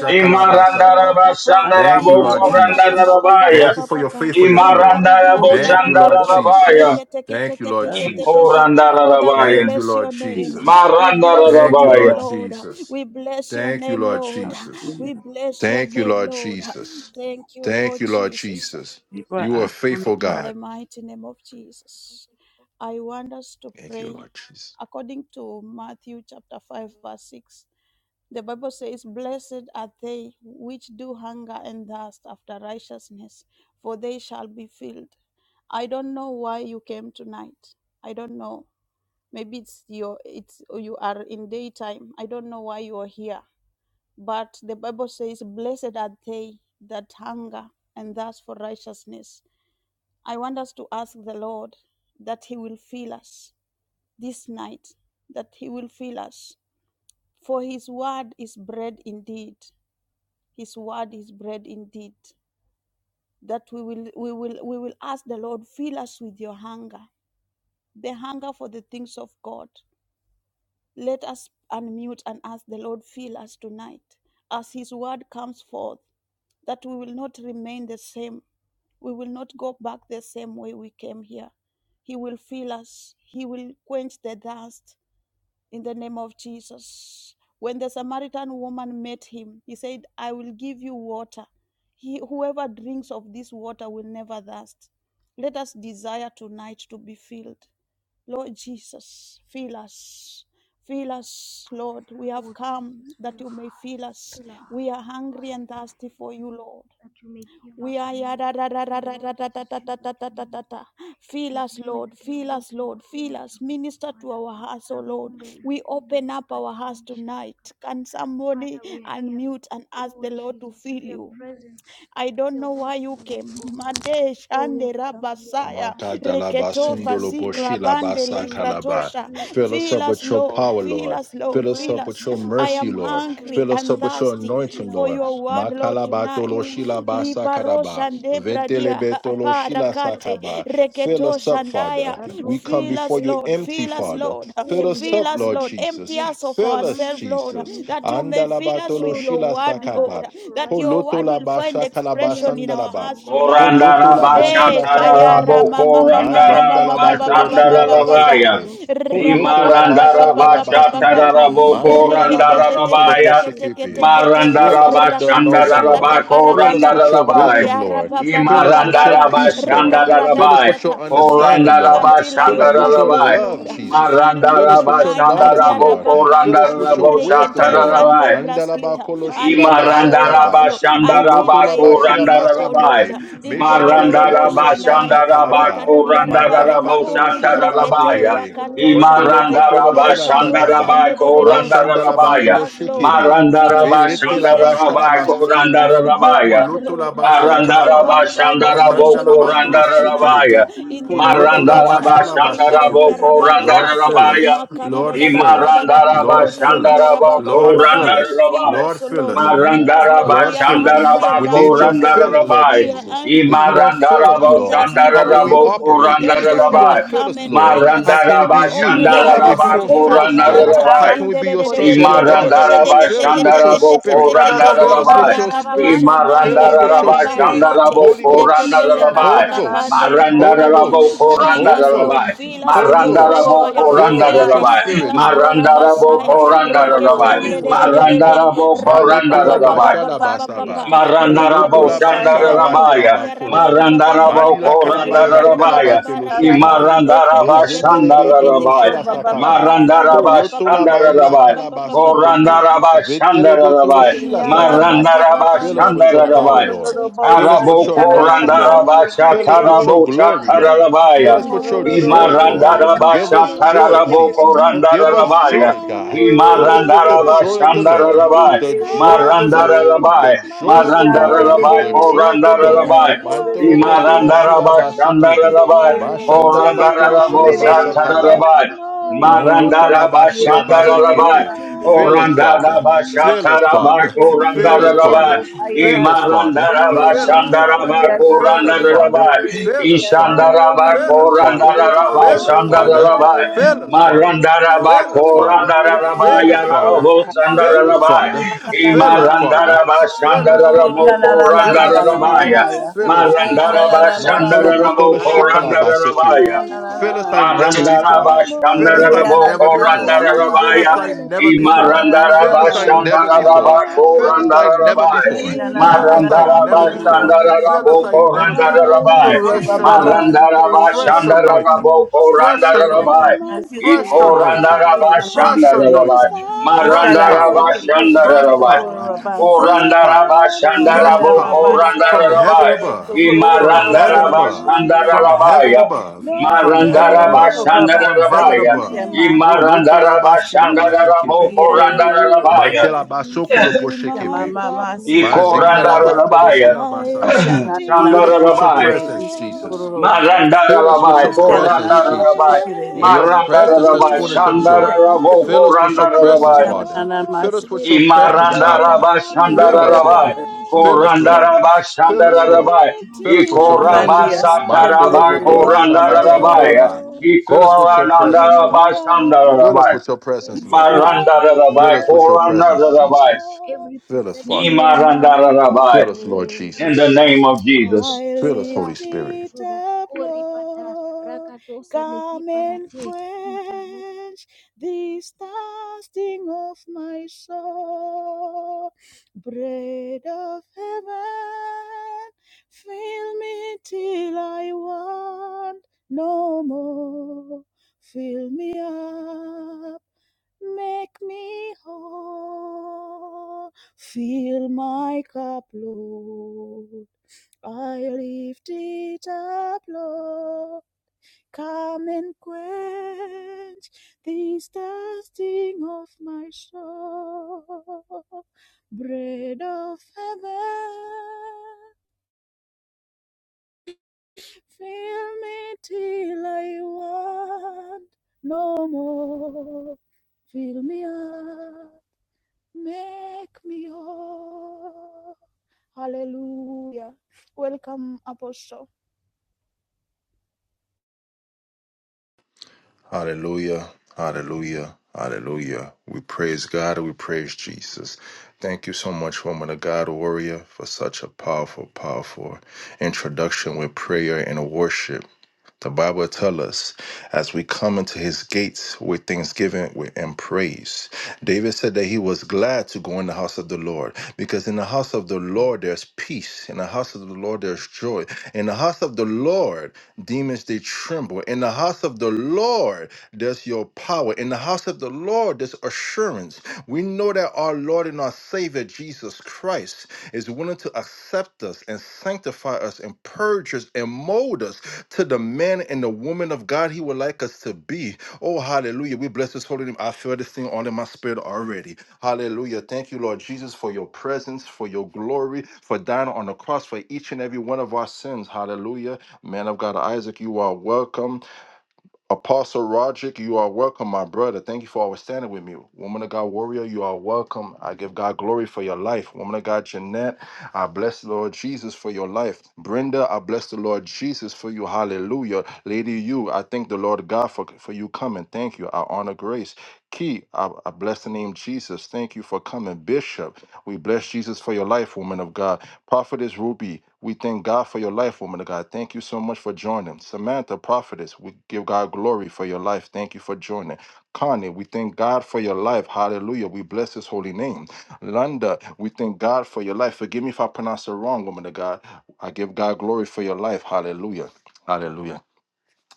C: Ra pa
B: kalabasa
C: sokoto lo
A: Imarandaraba
C: kapa.
E: I
B: Thank you,
E: am
A: Shandarabo
E: holy,
B: Lord
C: Ibarata ka
E: holy, holy,
C: pa
B: Jesus.
C: pa pa pa
A: Shandarabaya.
E: holy,
A: Marandaraba Shandarabaya.
B: Thank you
C: pa
B: for
C: pa
B: your
C: pa.
A: Imarandaraba Shandaraboku Randarabaya.
B: faithfulness, Lord.
C: Rikaradia
A: Imarandaraba
E: holy is
B: Thank you,
E: the
B: Lord
E: blood
A: Shandaraboku
C: rabarakate.
E: of
A: Randarabaya.
E: the
A: Imarandarabo Shandarabaya.
E: Lamb.
B: Jesus.
C: Rekete kete
B: Thank you,
C: kete
B: Lord
E: Holy
C: te te
E: is
C: te
E: the
B: Jesus.
C: te.
E: blood of
C: Father, we
B: Thank you,
A: Ikorandarabaya.
C: bless
B: Lord
C: your name.
B: Jesus.
E: Jesus.
C: We bless your
B: Thank you,
C: name,
A: rabaya.
B: Lord
C: Lord.
B: Jesus.
C: We bless your
B: Thank you,
C: name,
B: Lord
C: Lord.
B: Jesus.
E: Hallelujah.
C: We bless your
B: Thank you,
C: name,
B: Lord
C: Lord.
B: Jesus.
C: Thank you,
B: Thank
C: Lord
B: you, Lord
C: Jesus.
B: Jesus.
E: People
B: You are
E: are
B: a
E: on the
B: faithful
C: In
E: cry.
C: the
B: God.
C: mighty name of Jesus, I want us to
B: Thank you,
C: pray
B: Lord Jesus.
C: according to Matthew chapter 5, verse 6. The Bible says, Blessed are they which do hunger and thirst after righteousness, for they shall be filled. I don't know why you came tonight. I don't know. Maybe it's your it's you are in daytime. I don't know why you are here. But the Bible says, Blessed are they that hunger and thirst for righteousness. I want us to ask the Lord that He will fill us this night, that He will fill us. For His word is bread indeed. His word is bread indeed. That we will we will we will ask the Lord, fill us with your hunger, the hunger for the things of God. Let us unmute and ask the Lord, fill us tonight as His word comes forth, that we will not remain the same. We will not go back the same way we came here. He will fill us, He will quench the thirst in the name of Jesus. When the Samaritan woman met him, he said, I will give you water. He, whoever drinks of this water will never thirst. Let us desire tonight to be filled. Lord Jesus, fill us. Fill us, Lord. We have
D: Oh
C: come
D: Jesus,
C: that
D: fill
C: you
D: our,
C: may fill us.
D: fill our
C: We are
D: hearts, oh God.
C: hungry and thirsty for you, Lord.
D: that you may give
C: We
D: us
C: are
D: more.
C: yada da da da
D: O
C: da da
D: Lord,
C: da
D: it
C: da
D: is
C: da da
D: you
C: da
D: that we
C: da da
D: need.
C: da.
D: It
C: Fill
D: is
C: us,
D: you
C: Lord.
D: that we are
C: Fill us,
D: waiting
C: Lord. Fill
D: upon,
C: us.
D: Jehovah
C: Minister to
D: Father.
C: our hearts, O Lord.
D: Rakombe
C: We
D: lafina
C: open up our hearts
D: lakateli
C: tonight.
D: shatakapa.
C: Can somebody
D: Father, we are here.
C: unmute and ask
D: Oh
C: the Lord to
D: Jesus,
C: fill
D: we are
C: you?
D: present.
C: I don't
D: We are
C: know why
D: waiting
C: you
D: on you,
C: came.
D: O God.
C: Made
D: Oh, we
C: shande
D: have come here, O
C: rabasaya
D: God, and
B: Makadalaba
D: O
C: reketo
B: sundolo
D: you
C: fasi
B: boshila
D: ills,
C: krabande
B: basa
D: full,
B: kalaba.
C: likratosha
D: you
B: Fill us
D: ill,
C: Fill
B: up
C: us,
B: with your
D: Jehovah
C: Lord.
B: power,
D: Father,
C: Fill
B: Lord.
C: us,
D: the
C: Lord.
B: Fill us
D: well
C: Fill
B: up
D: that
B: with
C: us.
B: your
D: never
C: I
B: mercy,
C: am
D: runs
B: Lord.
D: dry, we
C: hungry
D: have
B: Fill us
C: and
B: up
D: come
B: with
D: that
B: your
D: you may
C: thirsty
D: fill
B: anointing,
D: our
C: for
B: Lord.
D: cup,
C: your
D: O
C: word,
D: God.
C: Lord,
B: Makalaba tolo
C: tonight.
D: Ewe
B: shila basa
D: rikanosa
B: kadaba.
C: Liparosha
D: talika
C: debradia
D: parale,
B: Vetelebe tolo shila
D: intalika
C: aparakate
B: sakaba.
D: parakusa
B: Fill
C: reketo
B: us up,
D: talika,
C: shandaya.
B: Father. We
D: radosa
B: come
D: la
C: Fill
B: before
C: us,
B: you
D: pena
C: Lord.
B: empty,
C: Fill us,
D: kaparane.
B: Father.
C: Lord.
B: Fill
D: Oh, we
B: us
D: are
C: Fill
B: up,
C: us,
B: Lord
C: Lord.
D: hungry for
B: Jesus.
C: Empty
D: you.
C: us of
D: We are
B: Fill us,
C: ourselves,
D: hungry
C: Lord,
D: for
B: Jesus.
D: you,
C: that
D: O
C: you may
D: God.
C: fill
B: Andalaba
C: us
B: tolo
C: with
D: Oh,
C: your
D: those
B: shila
D: that
C: word,
D: are
B: sakaba.
C: Lord.
D: thirsty for
C: That your
B: Poloto
C: word
D: righteousness,
C: will
D: O
B: laba
C: find
D: God.
B: shakalaba
D: We are
C: expression in
D: here,
C: our
B: sandalaba.
C: hearts
D: Jehovah Father.
C: tonight.
B: Poloto
D: We
B: la
D: are here
C: Eh,
D: very
C: kayara
B: sakalaba.
D: expectant,
C: mama
D: O
C: mama
D: God
C: mama
B: Majanda la
D: and
B: ba
D: we
C: mama
D: open our
C: mama
D: hearts, oh
C: mama
A: Korandarabashatararabokorandarabashandararabaya.
B: sekebe.
D: God, and we
B: Poloto la
D: come
B: ba
D: and dwell in our
B: shakalaba
D: hearts.
B: sibe.
C: Rapapapapapapapapapa.
D: Amen. Come
B: Majida
D: and
B: la
D: have your way in
A: Nimarandarabashatararabokorandararabaya.
D: us, O King of
C: Riketeteteketeketeketete.
D: glory.
B: Fill us
D: Oh
B: with the
D: Jesus,
B: anointing,
D: our
C: Rakateshata
B: Lord.
D: hunger
B: Fill
D: is
B: us
D: you,
B: with your
D: O God.
A: Marandarabashandararabakorandararabaya.
B: wisdom,
D: That
B: Lord.
D: which we need
B: Fill us with your
D: tonight
C: Riarabababababa.
D: is
B: peace,
D: you.
B: Lord.
D: You are
B: Fill us
A: Imarandarabashandararabaya.
B: with
D: everything
C: Rikaradadadata.
B: your
D: that we need.
C: Fill
B: understanding,
C: me
D: You are
B: Lord.
D: all
C: until
D: that
C: I
B: Fill
D: we
B: us with
D: need.
B: your
C: overflow,
A: Korandarabashandararabaya.
B: love,
C: Lord.
D: Lateli la
B: Jesus.
C: Fill
D: kupe
C: me
B: Fill
D: la
B: us with
D: rato
B: your
C: tonight
B: knowledge,
D: sateli.
C: until
B: Lord. Fill
D: Akatupe
C: Rabakata.
B: us
D: la
B: with your wisdom
D: farane.
B: wisdom,
C: Rikete
D: O
B: Lord.
C: shande
A: Marandarabashandararabokorandararaboshatararabaya.
D: ripanusa la
B: Andalaba
C: braskita.
D: kapa.
B: koloshila
C: Until I
D: Akapatola
B: basakaba.
A: Imarandaraba
D: la
C: overflow.
D: kina la
C: Until
B: Moloto
A: Shandaraba
B: la
C: I
D: kusha
B: bashila
D: tape.
C: overflow, oh
D: Oh
A: Korandarabai.
C: Lord.
B: basekebe.
D: Jesus,
C: In
D: our
C: the
D: hearts are
B: Meshendelebe
C: Rebo
A: Marandaraba
D: open to
B: toloshila
D: you.
C: Shandaya
A: Shandaraba
D: Are
B: sakalaba.
D: open,
C: rikardia
D: my Father.
B: Mandalaba
A: Korandarabo
C: rabarakate
D: Oh
B: toloshila
D: Jesus, only
C: rekete
A: Shatarabaya.
D: you
B: basekebe.
D: are
C: yakato
D: welcome in our
B: Vondolo
C: shandaya
D: hearts, oh
A: Imarandaraba
B: botoloshila
D: Jesus.
C: rekado
D: May
B: sakaba.
D: you
A: Shandaraba
D: fill our
C: shandedebosha
D: hearts with your
B: Mashandalaba
C: fill
A: Korandarabaya.
C: us
D: righteousness.
C: lord
B: toloshikebe.
D: We are
C: fill us
A: Marandaraba
C: with
D: hungry
B: Velete
C: your
D: for
B: la
C: fresh
D: you.
A: Shandaraba
C: fire
B: bashala
D: We are
C: fill
D: waiting
B: basokopo.
C: us
D: for
C: with your
D: you.
A: Korandarabaya.
C: word
B: Poloto la
C: lord
D: Arakute
B: basha
D: la
C: let your
B: kalaba.
C: word
A: Marandaraba
D: parano
C: find
D: satini.
A: Shandarabo
B: Masanda
C: expression
B: la
C: in our
D: Oh
B: batoro
C: hearts
D: Jesus,
C: tonight
D: we
A: Korandarabaya.
B: shekelibi.
D: are
C: in the
D: hungry for
B: Poloto la
D: you.
C: dedebosha
A: Marandaraba
B: basha la
D: Oh Jesus, if
A: Shandarabo
C: rikardia
D: we
B: basekibi.
D: don't
B: Lord
D: seek
C: rabarakate
D: for
B: fill
D: you,
A: Korandarabaya.
B: us.
D: if
C: makada
D: we
C: da
B: Lord
C: da
D: don't
C: da da
B: fill
C: da da
B: us.
D: seek,
C: da
D: we
A: Imarandaraba
B: Lord
D: hunger for
B: fill us.
A: Shandaraba
D: righteousness,
B: Lord
D: oh
C: rabababa
D: God.
B: fill us.
C: fill
A: Korandarabai.
B: Lord
C: us
B: fill
D: We
C: lord
B: us.
D: are
C: fill
D: here,
C: us
D: O
A: Marandaraba
C: lord
D: God.
C: we
B: Lord,
C: are
B: fill
D: We are
B: us.
D: not
C: hungry
A: Shandaraba
C: and
D: like
B: We need
C: thirsty
D: children
B: your
D: of the
C: for you
B: filling,
D: bastards,
B: Lord
A: Korandarabai.
C: we are
D: Jehovah.
B: Jesus.
D: We
B: If
D: have
C: angry
B: you don't
D: come
B: fill us,
D: tonight.
A: Imarandaraba
C: and
B: Lord,
D: We
C: thirsty
D: have
B: how
C: for
B: will
C: you,
B: we
D: come,
A: Shandaraba
D: O
C: Lord.
D: Father.
B: operate? [LAUGHS]
C: Let
D: That
C: your
B: If you don't
A: Korandarabai.
D: Lord,
C: word
D: your will
B: fill
C: come
B: us,
C: and
D: be
B: Lord,
C: fill
D: done.
B: how
C: us.
B: can we
D: That
A: Marandaraba
B: be
C: We
D: that
C: open
B: used?
C: our
D: which you
B: If
D: have
B: you
E: Hallelujah.
C: hearts
A: Shandaraba
B: don't
C: to
D: for
C: you
B: fill
D: us,
B: us,
D: O
B: Lord,
C: tonight.
D: Father.
B: how
A: Korandarabai.
B: can
D: That
C: In
B: we
C: the
B: be
D: that
B: your sons and
D: which,
B: your
D: O God,
B: daughters?
A: Imarandaraba
D: that
B: Fill
D: is
B: us
D: in
B: with
D: our
B: your
A: Shandarabo
D: hearts, it is
B: spirit.
D: you that
B: Fill
D: we
B: us
A: Korandarabai.
B: with your
D: need. It is
B: spirit.
C: rakadosha
D: you that
B: Fill
C: dae
D: we
B: us with
D: hunger
B: your
A: Imarandaraba
D: and thirst
B: spirit.
C: riarabarakate
D: for.
A: Shandarabo
B: Holy Ghost,
D: Rakumbe
C: reketele
D: la
A: Korandarabai.
B: Holy
D: tosi la
C: katakapande
B: Ghost,
D: kapa.
B: Holy
D: That we
C: libragadia.
A: Marandarabo
D: may
B: Ghost,
D: live in
C: Fill
B: Holy
C: us,
B: Ghost,
C: Lord.
A: Korandarabai.
D: righteousness, that
C: Fill
D: we
C: us
D: may
C: with
B: Holy
C: your
D: walk in
C: fresh
B: Ghost.
A: Marandarabo
C: fire.
D: righteousness.
B: Fill us with
C: Fill
D: May
B: your
D: you
C: us,
A: Korandarabai.
C: fill
D: fill
B: spirit,
D: our
C: us,
D: hearts with
B: Jesus.
D: your joy,
A: Marandarabo
C: korabasaya
D: fill our hearts with
A: Korandarabai.
D: your,
B: Mashankarabatodo
C: reketende de de
D: with
C: de
D: your
C: de
B: boshekebe.
C: de
D: with your
A: Marandarabo
D: joy,
C: rapa pa
B: Malete
C: pa
B: la
D: fill
C: pa
D: our
C: pa
A: Korandarabai.
B: basha
C: pa
B: la
D: hearts with
C: pa
D: your
C: pa
B: basaba.
C: pa
D: wisdom.
B: Poloto
A: Marandarabo
C: rakato
B: la
D: Entalico
B: basha la
C: shandaya
D: perate,
B: bate la
A: Shandarabaya,
C: rikaradia
D: rapesa
C: rababa
B: bakolopo.
D: la
C: baba baba
A: Marandarabo
B: Mali
D: panalo,
B: la
C: ba
D: leca
B: kalabazanda la
C: rikaradia
D: parato
A: Korandarabaya,
B: batolo
D: sateli
C: rabarakate
B: shekebe.
D: tapa,
C: ekete
A: Imarandaraba
C: kete
B: Mezendele
D: acapella
C: kete kete
B: betolo
D: carato
A: Shandarabai,
C: kata
B: shila
D: silica,
B: sakaba.
D: asaloca
A: Marandaraba
C: rapa
B: Poloto
C: pa
B: la
D: tapa,
C: pa pa pa
B: baila
C: pa
A: Shandarabai,
D: shalindi
C: pa
B: kalabaso
C: pa
D: legemi la
B: kopo.
D: kosha
A: Korandaraba
D: tapa.
B: Vetele betolo
D: Oh,
A: Shandarabai,
D: we have
B: shila
C: ya
D: come
B: sakaba.
D: tonight,
C: barata
D: O
A: Marandaraba
B: Fill
D: God
C: kapande
B: us with your
D: that you
B: power,
A: Shandarabai,
D: may
C: pragadia
B: Lord.
D: quench our
B: Fill us
D: thirst,
B: with
A: Arabo
B: your
D: that you
C: fill
B: anointing,
D: may fill
B: Lord.
C: my
A: Korandaraba
D: our
C: cup
D: hearts
B: Fill
D: with
B: us with
D: God.
B: your
A: Shatarabo
D: We
C: Lord
B: glory,
D: are
B: Lord.
D: hungry for
B: Fill
A: Shatarabaya,
B: us
D: you.
B: with
C: I
B: your
D: We are
B: joy,
C: lift
D: waiting for
B: Lord.
C: it
D: you.
A: Imarandaraba
B: Give
C: up,
D: We
B: us
D: are
B: joy,
D: desperate
A: Shatarabo
D: for
B: Jesus.
D: you.
C: Lord.
B: Give us
D: Alato
A: Korandarabaya,
B: joy,
C: Come
B: God.
D: selika
C: and
B: Fill
D: parate,
B: us with the
A: Imarandaraba
B: joy of
D: inkato
B: the
C: quench
B: Lord.
D: sateri
A: Shandarabai,
C: this
B: The
D: gaba,
B: joy of the
D: zabina
B: Lord.
C: thirsting of
B: The
A: Marandarabai,
D: wakate,
C: my
B: joy of the
D: wakate,
B: Lord.
A: Marandarabai,
B: The
C: soul.
D: wakate,
B: joy of the Lord.
A: Korandarabai,
C: Bread
D: Atusalepa,
C: of
B: Mantolo botolo
D: Efronosa
B: shila
A: Imarandaraba
C: heaven,
D: telikapa,
B: basekibi.
A: Shandarabai,
C: fill me
B: Mashandala
D: Aparanosa
C: till
D: te,
B: batolo
C: I
A: Korandarabo
B: shila
D: Ratenda
B: basakaba.
C: want
D: lakapa,
A: Shatarabai,
C: no
D: Lavino
B: Moloto
C: more.
B: la
D: lateli
A: Marandaraba
B: bashila
D: lakapa,
C: Fill
A: Shandarabai,
C: me
B: basekepe.
D: Lekete
B: Fill us,
D: luvami,
C: up.
B: Father.
A: Korandaraba
E: Yeah.
B: Fill
D: Avaminosa
B: us,
E: Mahaya. Ina na na
A: Shataraba
D: telika
B: Father.
D: parate,
B: Fill us,
A: Korandaraba
B: Father.
D: Sharipa
B: Fill us,
C: Mhm.
D: rantosa
B: Father.
D: telika
A: Imarandaraba
C: Fill
B: Fill us,
C: my
D: parantosa
B: Father.
C: cup,
A: Shandaraba
D: te,
B: Fill us,
A: Korandaraba
B: Father.
C: Lord.
D: Esketeliki
B: Fill
D: darote
B: us,
C: I
D: kapa,
B: Father.
A: Ishandaraba
B: Fill us,
C: lift
D: Parantosa
B: Father.
D: te,
C: it
A: Korandaraba
B: Fill
C: up,
B: us, Father.
D: Inkatolipa,
A: Shandaraba
B: Fill us,
C: Lord.
D: Paluata
B: Father.
D: lekima,
A: Marandaraba
B: Fill
C: Come
B: us,
C: and
D: Akate
B: Father.
D: katosa
A: Korandaraba
B: Fill us,
D: tekipe,
B: Father.
A: Yarabo
C: quench
B: Fill
D: Eperenta
B: us,
C: this
A: Sandaraba
B: Father.
D: takato
C: thirsting
B: Fill
D: selika
B: us,
C: of
B: Father.
C: my
A: Imarandaraba
B: Fill us,
D: akapananu
B: Father.
A: Shandarabo
E: na
C: soul.
E: na
D: satelekapa
B: Fill us,
E: na na
A: rabo
B: Father.
C: Bread
D: amanu
C: of
E: Mahaya.
B: Fill us,
D: satelika
B: Jesus.
D: parano
A: Marandaraba
C: heaven,
B: Montolo
D: esharipo
A: Shandarabo
B: botolo
C: fill
D: taleka
B: shikala
C: me
D: paka
C: till
A: Korandaraba
E: Ina
B: shikalabasekebe.
C: I
D: akatoto
B: Fill us like
D: selika
B: never
C: want
A: Marandara
B: before.
D: parani
C: no
B: Fill
A: Bashandara
B: us
C: more.
B: like
D: inteliko
A: Boko
B: never
D: paranto
B: before.
C: Fill
A: randara
C: me
D: setila
B: Fill
A: Rabaya.
B: us
D: Oh,
B: like
D: that you
C: up,
B: never
D: may
E: na
D: feel
B: before.
D: our
E: na na
A: Imarandara
E: na
C: make
D: hearts,
E: na na
B: Fill
D: O
E: na
B: us like
D: God.
C: me
B: never
A: Bashandara
D: That you may
E: Mahaya.
B: before.
D: feel
A: Bako
D: our
B: Fill us
D: hearts, O
B: like
A: randara
C: whole.
B: never
D: Jehovah.
A: Rabai.
D: Oh,
B: before.
E: La
C: Fill
D: we
E: la la
D: have
E: la
B: Fill
E: la
B: us
C: my
D: run
E: la
D: to
B: like
A: Marandara
C: cup,
D: you.
B: never
E: la la la
D: Our
B: before.
D: cups,
A: Bashandara
D: O
B: Fill
C: Lord.
B: us
E: sikere.
D: God,
A: Boko
B: like
D: are
B: never
D: empty.
A: randara
C: I'll
B: before.
D: And
E: Kiko
D: we have
C: lift
E: roba
B: Fresh
D: come to
C: it
E: baba
D: you,
C: up,
D: O
B: anointing.
D: God.
E: sikere siya.
B: Fresh
A: Marandarabashandarabaya.
D: Oh,
C: Lord.
B: anointing.
D: Jehovah,
A: Imarandarabashandarabako Marandarabashandaraboko
D: that you
B: Fresh
D: may
E: La
A: randarabai. Marandarabashandaraboko
D: fill our
E: la
A: randarabai.
B: anointing.
C: Come
E: la
C: and
D: cups. uh,
E: kiku
D: That
B: Fresh
A: Iko
D: you
E: rubu.
D: may
B: anointing.
D: fill us
E: Ruba
C: quench
D: again.
B: Fresh
E: mase.
D: uh, Oh,
C: this
A: randarabashandarabai.
B: anointing.
D: Ripanosa,
B: Fresh
E: Ikara
D: that
C: thirsting
E: se
D: you
B: power.
C: of
D: may
C: my
E: keke
D: quench our
B: Fresh
E: mase
A: Marandarabashandarabai.
D: lost
E: koro
B: power.
C: soul.
D: tonight.
E: rabase.
B: Fresh
A: Korandaraba
B: power
C: Blood of
B: fresh
D: Rabino
E: Kimara
A: Shandarabo
B: power
D: akaliga
E: rabase.
B: from
C: heaven,
D: bakausha
B: heaven
A: Korandarabai.
E: Ikoro
B: above,
D: talapai.
E: sokoro
C: fill
B: from
C: me
D: Rabino
E: roba.
B: heaven
A: Imarandaraba
C: till
B: above,
D: amerudi
C: I
B: from
D: taliga para
B: heaven
A: Shandarabaya.
C: want
B: above,
C: no
B: from
D: parantos
B: heaven
A: Marandaraba
D: heteliga
E: Iko
B: above,
C: more.
D: para
E: baba
B: from
E: se.
B: heaven
A: Shandarabaya.
C: Fill
D: yagivi
C: me
B: above.
E: Kisema
D: musete
B: Poloto
E: adaba.
B: la
C: up,
D: bulaga
A: Imarandaraba
B: bashila
D: paratos
C: make
D: hete
A: Shandarabo
B: basekebe.
C: me
E: Iya
D: anteliga patos
E: se.
A: Korandarabaya.
B: Matela
C: whole.
D: heteliga
B: basokolo
C: Fill
E: Kisema
C: my
B: poshekebe.
D: antelige
E: mama
C: cup,
D: bela
E: sikere
D: abena
B: Mazinda la
E: siya.
C: Lord.
D: rosa
B: batolo
A: Ikorandarabaya.
D: teliga
B: shila
C: I
D: pa
E: Isha
B: basaba.
E: na
C: lift
D: lavino
E: na na
B: Fill
C: it
B: us
D: seliga
B: with your
C: up,
D: para
A: Shandarabaya.
E: masikere.
B: presence,
D: sagina
C: Lord.
B: Jesus.
D: la
E: Ishikoro
D: vareta
B: Fill us
E: Hallelujah.
B: with
A: Marandarabai
B: your
D: arreta
C: Come
D: la
C: and
D: tipa
E: Yes,
B: presence,
D: la
A: Korandarabai.
B: Jesus.
D: O
B: And your
C: quench
D: create in us
B: presence
D: a
B: is
A: Marandarabai
C: this
D: clean
B: fullness
D: heart,
B: of
D: O
B: joy.
A: Shandarabo
D: Commander,
B: Fill
C: thirsting
B: us
C: of
B: with
D: O
B: your
C: my
D: kill the
B: presence,
A: Korandarabai.
D: flesh,
B: Father.
C: soul.
B: Fill
D: Take
B: us
D: away
B: with your
D: bitterness,
B: presence,
D: O God.
C: Bread
B: Abba.
C: of
D: We are
B: Fill us,
D: hungry for
A: Imarandarabashandarabai.
B: Lord.
D: your
B: Fill
D: righteousness,
B: us,
D: O
B: Lord.
D: God.
C: heaven,
D: We are
B: Fill us,
D: hungry
C: fill
B: Lord.
D: for
A: Korandarabashandarabai.
C: me
D: joy.
B: Fill us
D: We
C: till
B: with
D: are
B: your
C: I
D: hungry for
B: presence.
D: your love.
C: want
B: Mantolo
D: O
A: Ikorabasatarabai.
B: botolo
C: no
D: Rebanesa
B: shirabasa
D: Talika
A: Korandarabai.
B: karaba.
C: more.
D: Parani,
B: Fill us
D: take
B: with your
D: away hate.
B: presence,
C: Fill
B: Lord.
C: me
D: Take away
B: Fill
D: envy,
B: us
A: Ikorandarabashandarabai.
C: up,
B: with your
D: take away
B: presence, Lord.
D: malice,
C: make
D: take
C: me
B: Fill
A: Marandarabai.
D: away
B: us with your
D: every knowledge
B: presence,
D: of
A: Korandarabai.
D: wisdom,
B: Jesus.
C: whole.
D: every
B: Fill us,
D: perception
B: Father.
D: of
C: Fill
D: the world,
C: my
D: take
C: cup,
D: it
A: Imarandarabai.
B: Fill us, Lord
D: away and
A: In
C: Lord.
A: the
B: Jesus.
D: fill us
A: name
D: with
A: of
D: your wisdom,
C: I
A: Jesus.
B: Fill us,
D: fill
B: Holy
C: lift
D: us with
B: Spirit.
C: it
D: your truth.
C: up,
D: O Ribata,
C: Lord.
D: Rakatosa Leki
C: Come and
D: Parate, Interlo
C: quench this thirsting of my soul. Bread of heaven, fill me till I want no more. Fill me up, make me whole. Fill my cup, Lord. I lift it up, Lord. Come and quench this thirsting of my soul. Bread of heaven, fill me till I want no more. Fill me up, make me whole. Hallelujah. Welcome, Apostle.
B: Hallelujah. Hallelujah. Hallelujah. We praise God and we praise Jesus. Thank you so much, woman of God, warrior, for such a powerful, powerful introduction with prayer and worship. The Bible tells us as we come into his gates with thanksgiving with- and praise. David said that he was glad to go in the house of the Lord because in the house of the Lord there's peace. In the house of the Lord there's joy. In the house of the Lord, demons they tremble. In the house of the Lord, there's your power. In the house of the Lord, there's assurance. We know that our Lord and our Savior, Jesus Christ, is willing to accept us and sanctify us and purge us and mold us to the man and the woman of God He would like us to be. Oh, hallelujah. We bless His holy name. I feel this thing all in my spirit already. Hallelujah. Thank you, Lord Jesus, for your presence, for your glory, for dying on the cross for each and every one of our sins. Hallelujah. Man of God, Isaac, you are welcome. Apostle Roderick, you are welcome, my brother. Thank you for always standing with me. Woman of God, warrior, you are welcome. I give God glory for your life. Woman of God, Jeanette, I bless the Lord Jesus for your life. Brenda, I bless the Lord Jesus for you. Hallelujah. Lady, you, I thank the Lord God for, for you coming. Thank you. I honor grace. Key, I, I bless the name Jesus. Thank you for coming. Bishop, we bless Jesus for your life, woman of God. Prophetess Ruby, we thank God for your life, woman of God. Thank you so much for joining. Samantha, prophetess, we give God glory for your life. Thank you for joining. Connie, we thank God for your life. Hallelujah. We bless his holy name. Londa, we thank God for your life. Forgive me if I pronounce it wrong, woman of God. I give God glory for your life. Hallelujah. Hallelujah.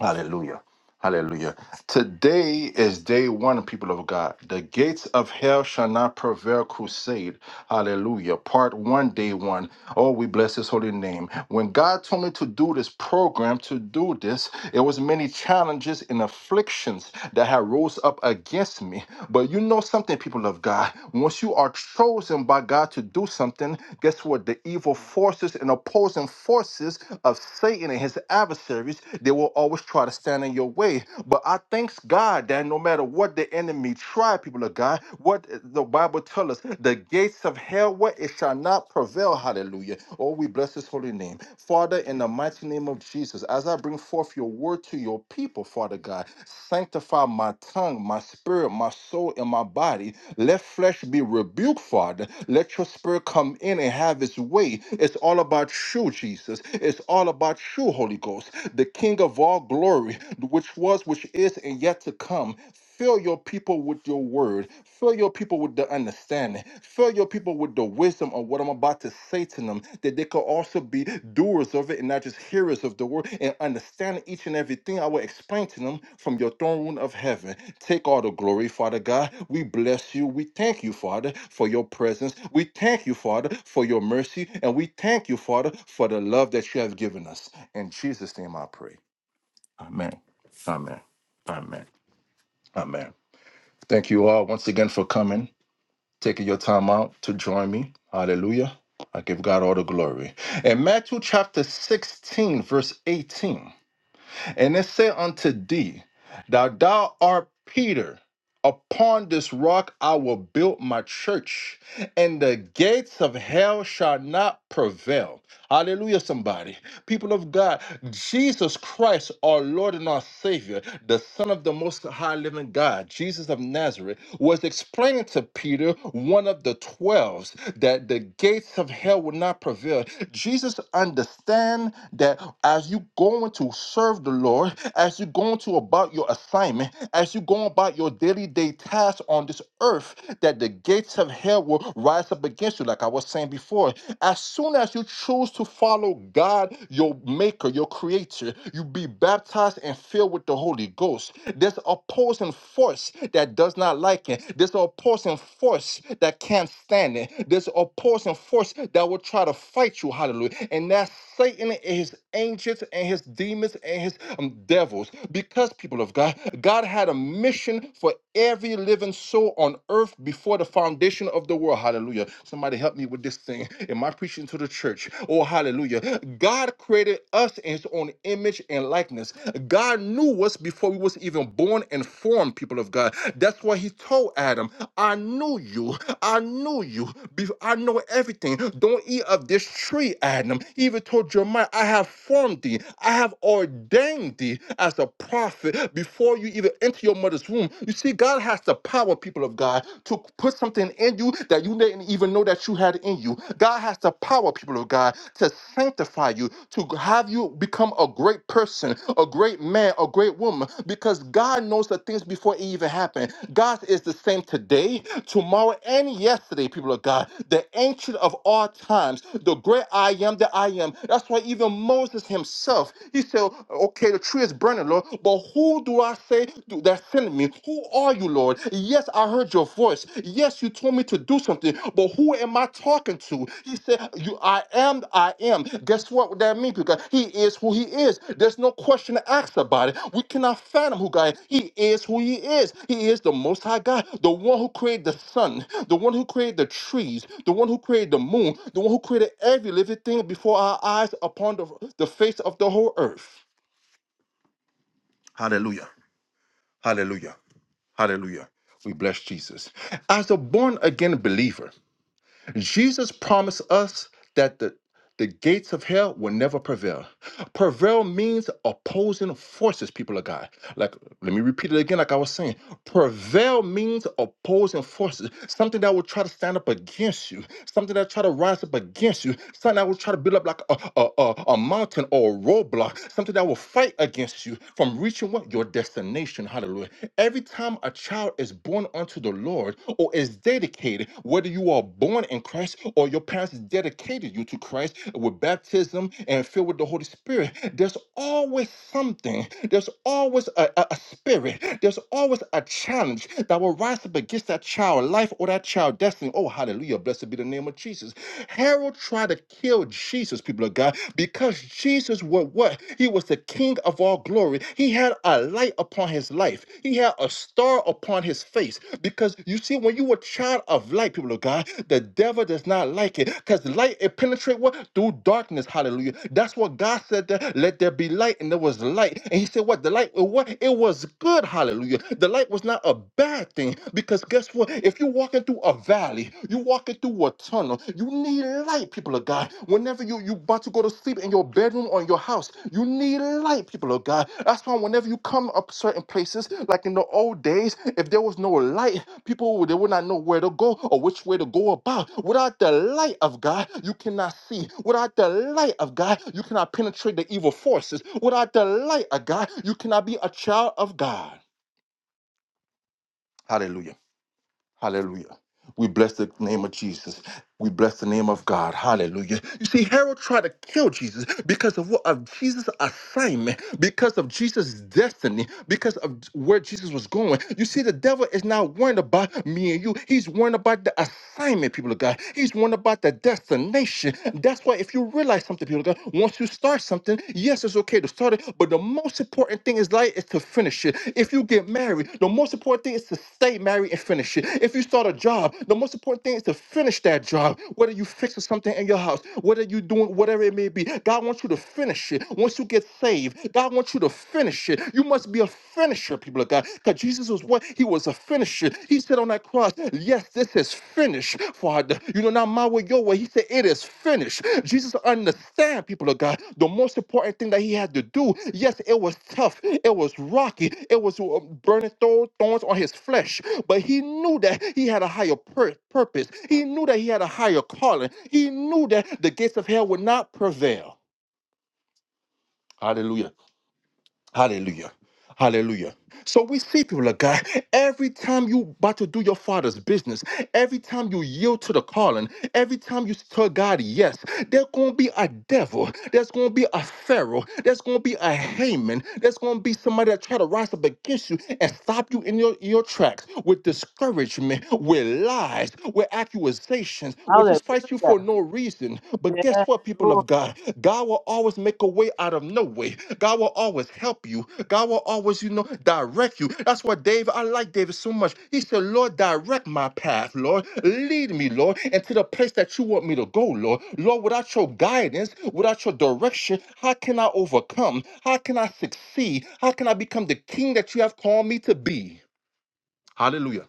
B: Hallelujah. Hallelujah. Today is day one, people of God. The gates of hell shall not prevail crusade. Hallelujah. Part one, day one. Oh, we bless his holy name. When God told me to do this program, to do this, it was many challenges and afflictions that had rose up against me. But you know something, people of God. Once you are chosen by God to do something, guess what? The evil forces and opposing forces of Satan and his adversaries, they will always else try to stand in your way. But I thanks God that no matter what the enemy try, people of God, what the Bible tells us, the gates of hell, what it shall not prevail. Hallelujah. Oh, we bless his holy name. Father, in the mighty name of Jesus, as I bring forth your word to your people, Father God, sanctify my tongue, my spirit, my soul, and my body. Let flesh be rebuked, Father. Let your spirit come in and have its way. It's all about you, Jesus. It's all about you, Holy Ghost the King of all glory, which was, which is, and yet to come. Fill your people with your word. Fill your people with the understanding. Fill your people with the wisdom of what I'm about to say to them, that they could also be doers of it and not just hearers of the word and understand each and everything I will explain to them from your throne room of heaven. Take all the glory, Father God. We bless you. We thank you, Father, for your presence. We thank you, Father, for your mercy. And we thank you, Father, for the love that you have given us. In Jesus' name I pray. Amen. Amen. Amen. Amen. Thank you all once again for coming, taking your time out to join me. Hallelujah. I give God all the glory. In Matthew chapter 16, verse 18, and it say unto thee, that thou art Peter, upon this rock I will build my church, and the gates of hell shall not prevail. Hallelujah, somebody. People of God, Jesus Christ, our Lord and our Savior, the Son of the Most High Living God, Jesus of Nazareth, was explaining to Peter, one of the twelves, that the gates of hell would not prevail. Jesus understand that as you going to serve the Lord, as you going to about your assignment, as you go about your daily day tasks on this earth, that the gates of hell will rise up against you, like I was saying before as soon as you choose to follow God, your maker, your creator, you be baptized and filled with the Holy Ghost. There's an opposing force that does not like it. There's an opposing force that can't stand it. There's an opposing force that will try to fight you. Hallelujah. And that's Satan and his angels and his demons and his um, devils. Because people of God, God had a mission for every living soul on earth before the foundation of the world the world. Hallelujah. Somebody help me with this thing. Am I preaching to the church? Oh, hallelujah. God created us in his own image and likeness. God knew us before we was even born and formed, people of God. That's why he told Adam, I knew you. I knew you. Be- I know everything. Don't eat of this tree, Adam. He even told Jeremiah, I have formed thee. I have ordained thee as a prophet before you even enter your mother's womb. You see, God has the power power, people of God, to put something in you that you didn't even know that you had in you. God has the power, people of God, to sanctify you, to have you become a great person, a great man, a great woman, because God knows the things before it even happened. God is the same today, tomorrow, and yesterday, people of God. The ancient of all times, the great I am that I am. That's why even Moses himself, he said, Okay, the tree is burning, Lord, but who do I?" say to- that sent me, Who are you, Lord? Yes, I heard your voice. Yes, you told me to do something, but who am I talking to? He said, You I am, I am. Guess what that means? Because he is who he is. There's no question asked about it. We cannot fathom who God is. He is who he is. He is the most high God, the one who created the sun, the one who created the trees, the one who created the moon, the one who created every living thing before our eyes upon the, the face of the whole earth. Hallelujah. Hallelujah. Hallelujah. We bless Jesus. As a born again believer, Jesus promised us that the, the gates of hell will never prevail. Prevail means opposing forces, people of God. Like, let me repeat it again, like I was saying. Prevail means opposing forces, something that will try to stand up against you, something that try to rise up against you, something that will try to build up like a, a, a, a mountain or a roadblock, something that will fight against you from reaching what? Your destination. Hallelujah. Every time a child is born unto to the Lord or is dedicated, whether you are born in Christ or your parents dedicated you to Christ with baptism and filled with the Holy Spirit, there's always something, there's always a, a, a spirit, there's always a challenge that will rise up against that child life or that child destiny. Oh, hallelujah. Blessed be the name of Jesus. Herod tried to kill Jesus, people of God, because Jesus was what? He was was the King of all glory. He had a light upon his life, he had a star upon his face. Because you see, when you were child of light, people of God, the devil does not like it because light it penetrates what through darkness. Hallelujah. That's what God said. That, Let there be light, and there was light. And He said, What the light? uh, What it was good. Hallelujah. The light was not a bad thing because guess what? If you're walking through a valley, you're walking through a tunnel. You need light, people of God. Whenever you you about to go to sleep in your bedroom or in your house, you need light, people of God. That's why whenever you come up certain places, like in the old days, if there was no light, people would- they would not know where to go or which way to go about. Without the light of God, you cannot see. Without the light of God, you cannot penetrate the evil forces. Without the light of God, you cannot be a child of God. Hallelujah. Hallelujah. We bless the name of Jesus. We bless the name of God. Hallelujah. You see, Herod tried to kill Jesus because of what of Jesus' assignment, because of Jesus' destiny, because of where Jesus was going. You see, the devil is not worried about me and you. He's worried about the assignment, people of God. He's worried about the destination. That's why if you realize something, people of God, once you start something, yes, it's okay to start it, but but the most important thing is like is to finish it. If you get married, the most important thing is to stay married and finish it. If you start a job, the most important thing is to finish that job. Whether you fixing something in your house, whether you doing whatever it may be, God wants you to finish it. Once you get saved, God wants you to finish it. You must be a finisher, people of God, because Jesus was what he was a finisher. He said on that cross, Yes, this is finished, Father. You know, not my way, your way. He said, It is finished. Jesus understand, people of God, the most important thing that he had to do. Yes, it was tough, it was rocky, it was uh, burning thorn- thorns on his flesh, but he knew that he had a higher pur- purpose. He knew that he had a higher calling. He knew that the gates of hell would not prevail. Hallelujah. Hallelujah. Hallelujah. So we see people of God, every time you about to do your father's business, every time you yield to the calling, every time you tell God yes, there's gonna be a devil, there's gonna be a pharaoh, there's gonna be a Haman, there's gonna be somebody that try to rise up against you and stop you in your, your tracks with discouragement, with lies, with accusations, which just fight you for no reason. But guess what, people
E: Lord.
B: of God? God will always make a way out of no way. God will always help you. God will always, you know, direct you. That's why David, I like David so much. He said, Lord, direct my path, Lord. Lead me, Lord, and to the place that you want me to go, Lord. Lord, without your guidance, without your direction, how can I overcome? How can I succeed? How can I become the king that you have called me to be? Hallelujah.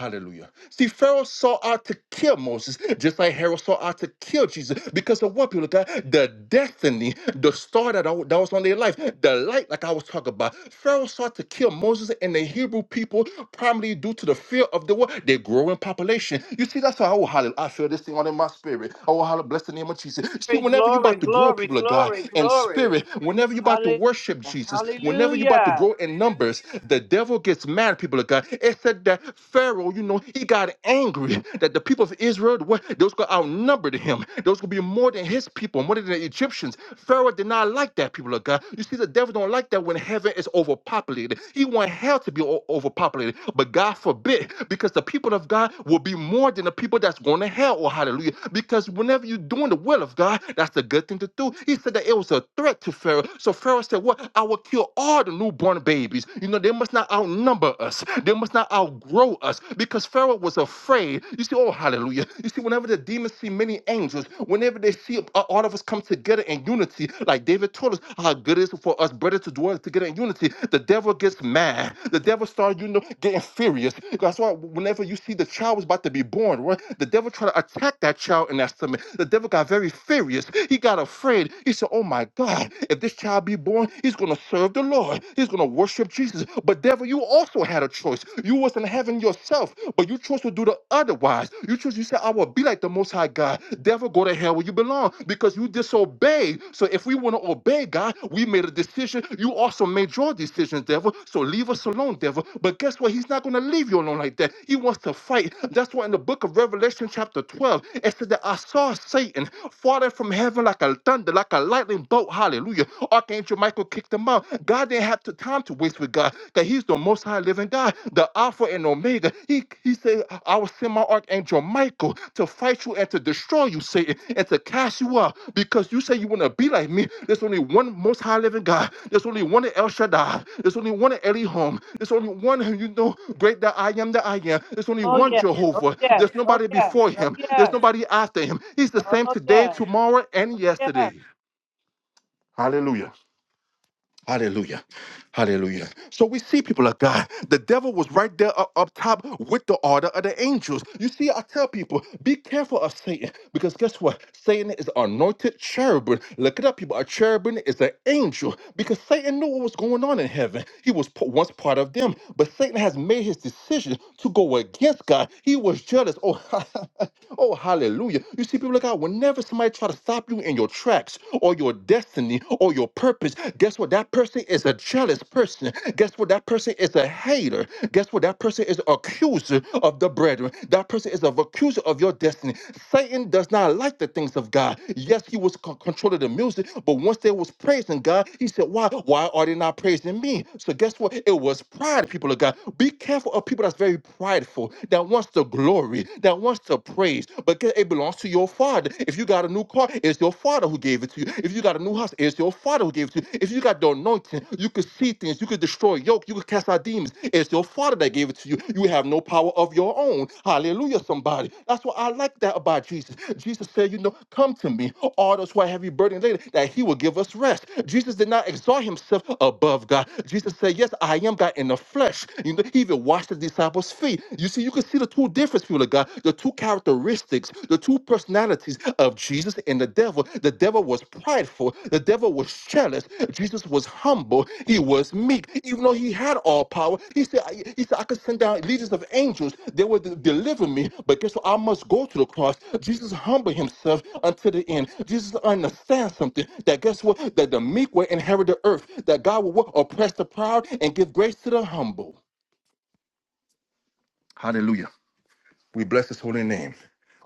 B: Hallelujah. See, Pharaoh sought out to kill Moses, just like Herod sought out to kill Jesus, because of what people of God, the destiny, the star that, I, that was on their life, the light, like I was talking about. Pharaoh sought to kill Moses and the Hebrew people, primarily due to the fear of the what their growing population. You see, that's how I, hallelujah, I feel this thing on in my spirit. Oh, hallelujah, bless the name of Jesus. See, whenever you
E: Glory, glory,
B: about to grow,
E: glory,
B: people of God,
E: glory,
B: in
E: glory.
B: spirit, whenever you about to
E: Hallelujah.
B: worship Jesus, whenever you about to
E: Hallelujah.
B: grow in numbers, the devil gets mad, people of people of God. It said that Pharaoh, you know, he got angry [LAUGHS] that the people of Israel, were- those could outnumbered him. Those could be more than his people, more than the Egyptians. Pharaoh did not like that, people of God. You see, the devil don't like that when heaven is overpopulated. He want hell to be o- overpopulated, but God forbid, because the people of God will be more than the people that's going to hell. Oh, hallelujah. Because whenever you're doing the will of God, that's the good thing to do. He said that it was a threat to Pharaoh. So Pharaoh said, What? I will kill all the newborn babies. You know, they must not outnumber us. They must not outgrow us because Pharaoh was afraid. You see, oh, hallelujah. You see, whenever the demons see many angels, whenever they see uh, all of us come together in unity, like David told us how good it is for us brothers to dwell together in unity, the devil gets mad. The devil starts, you know, getting furious. That's why whenever you see the child was about to be born, right, the devil try to attack that child in that stomach. The devil got very furious. He got afraid. He said, oh my God, if this child be born, he's going to serve serve the Lord. He's going to worship Jesus. But devil, you also had a choice. You wasn't having yourself, but you chose to do the otherwise. You chose, you said, I will be like the Most High God. Devil, go to hell where you belong because you disobeyed. So if we want to obey God, we made a decision. You also made your decisions, devil. So leave us alone, devil. But guess what? He's not going to leave you alone like that. He wants to fight. That's why in the book of Revelation, chapter 12, it said that I saw Satan falling from heaven like a thunder, like a lightning bolt. Hallelujah. Archangel Michael kicked him out. God didn't have the time to waste with God, that He's the most high living God, the Alpha and Omega. He, he said, I will send my Archangel Michael to fight you and to destroy you, Satan, and to cast you out because you say you want to be like me. There's only one most high living God. There's only one El Shaddai. There's only one Elihom. There's only one who you know great that I am that I am. There's only
E: Oh
B: one
E: yes. Oh
B: Jehovah.
E: yes.
B: There's
E: Oh
B: nobody
E: yes.
B: before
E: Oh
B: him. There's
E: yes.
B: nobody after him. He's the same
E: Oh
B: today,
E: yes.
B: tomorrow, and yesterday.
E: Yes.
B: Hallelujah. Hallelujah. Hallelujah. So we see people of God, the devil was right there up, up top with the order of the angels. You see, I tell people, be careful of Satan because guess what? Satan is anointed cherubim. Look it up, people. A cherubim is an angel because Satan knew what was going on in heaven. He was p- once part of them, but Satan has made his decision to go against God. He was jealous. Oh, [LAUGHS] oh, hallelujah. You see, people of God, whenever somebody try to stop you in your tracks or your destiny, destiny or your purpose, guess what? That person is a jealous person. Guess what? That person is a hater. Guess what? That person is an accuser of the brethren. That person is an accuser of your destiny. Satan does not like the things of God. Yes, he was con- controlling the music, but once they was praising God, he said, Why? Why are they not praising me? So guess what? It was pride, people of God. Be careful of people that's very prideful, that wants the glory, that wants the praise, but it belongs to your father father. If you got a new car, it's your father who gave it to you. If you got a new house, it's your father who gave it to you. If you got the anointing, you could see things, you could destroy yoke, you could cast out demons. It's your father that gave it to you. You have no power of your own. Hallelujah, somebody. That's what I like that about Jesus. Jesus said, you know, come to me, all those who are heavy burdened, laden, that he will give us rest. Jesus did not exalt himself above God. Jesus said, Yes, I am God in the flesh. You know, he even washed the disciples' feet. You see, you can see the two differences difference, people of God, the two characteristics, the two personalities of Jesus and the devil. The devil was prideful, the devil was jealous, Jesus was humble, he was meek, even though he had all power. He said, I- He said, I could send down legions of angels, they would de- deliver me, but guess what? I must go to the cross. Jesus humbled himself until the end. Jesus understands something that guess what? That the meek will inherit the earth, that God will what? oppress the proud and give grace to the humble. Hallelujah. We bless his holy name.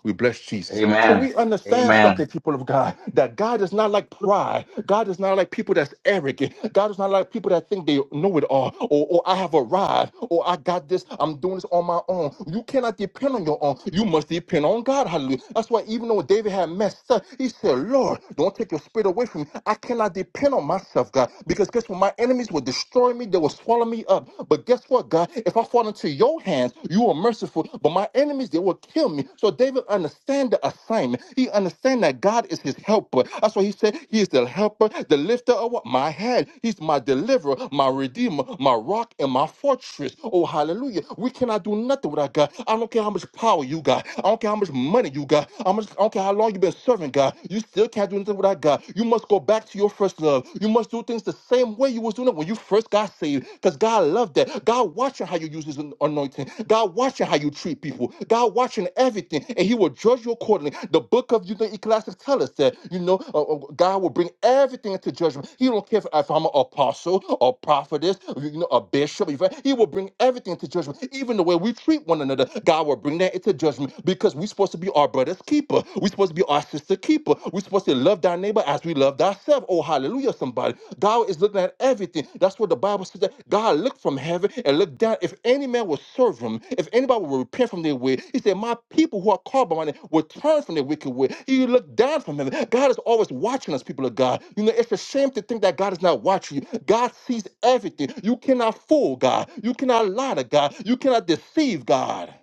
B: We bless Jesus. So
A: Amen.
B: we understand
A: Amen.
B: something, people of God, that God is not like pride. God is not like people that's arrogant. God is not like people that think they know it all, or, or I have arrived, or I got this, I'm doing this on my own. You cannot depend on your own. You must depend on God. Hallelujah. That's why even though David had messed up, he said, Lord, don't take your spirit away from me. I cannot depend on myself, God, because guess what? My enemies will destroy me. They will swallow me up. But guess what, God? If I fall into your hands, you are merciful. But my enemies, they will kill me. So David understand the assignment. He understand that God is his helper. That's why he said he is the helper, the lifter of what? my head. He's my deliverer, my redeemer, my rock, and my fortress. Oh, hallelujah. We cannot do nothing without God. I don't care how much power you got. I don't care how much money you got. I don't care how long you've been serving God. You still can't do nothing without God. You must go back to your first love love. You must do things the same way you was doing it when you first got saved. Because God loved that. God watching how you use his anointing. God watching how you treat people. God watching everything. And he will judge you accordingly. The book of you know, Ecclesiastes tell us that, you know, uh, uh, God will bring everything into judgment. He don't care if, if I'm an apostle or prophetess, you know, a bishop. if I- He will bring everything into judgment. Even the way we treat one another, God will bring that into judgment because we're supposed to be our brother's keeper. We're supposed to be you are sister keeper. We're supposed to love thy neighbor as we love ourselves. Oh, hallelujah, somebody. God is looking at everything. That's what the Bible says. That God looked from heaven and looked down. If any man will serve him, if anybody will repent from their way, he said, My people who are called by my name will turn from their wicked way. He looked down from heaven. God is always watching us, people of God. You know, it's a shame to think that God is not watching you. God sees everything. You cannot fool God. You cannot lie to God. You cannot deceive God.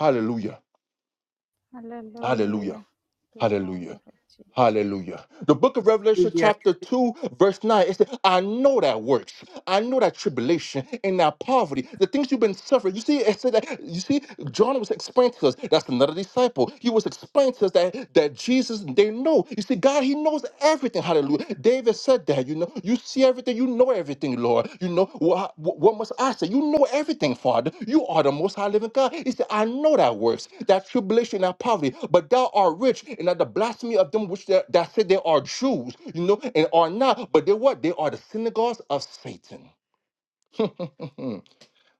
B: Hallelujah. Hallelujah.
C: Hallelujah.
B: Hallelujah.
C: Glory, Jesus.
B: Hallelujah. The book of Revelation,
E: Hallelujah.
B: chapter 2, verse 9, it says, I know that works. I know that tribulation and that poverty, the things you've been suffering. You see, it said that, you see, John was explaining to us, that's another disciple. He was explaining to us that, that Jesus, they know. You see, God, He knows everything. Hallelujah. David said, said that. You know, you see everything. You know everything, Lord. You know what? What must I say? You know everything, Father. You are the Most High Living God. He said, "I know thy works, thy tribulation, and poverty, but thou art rich, and that the blasphemy of them which that, that said they are Jews, you know, and are not, but they what? They are the synagogues of Satan." Hmm.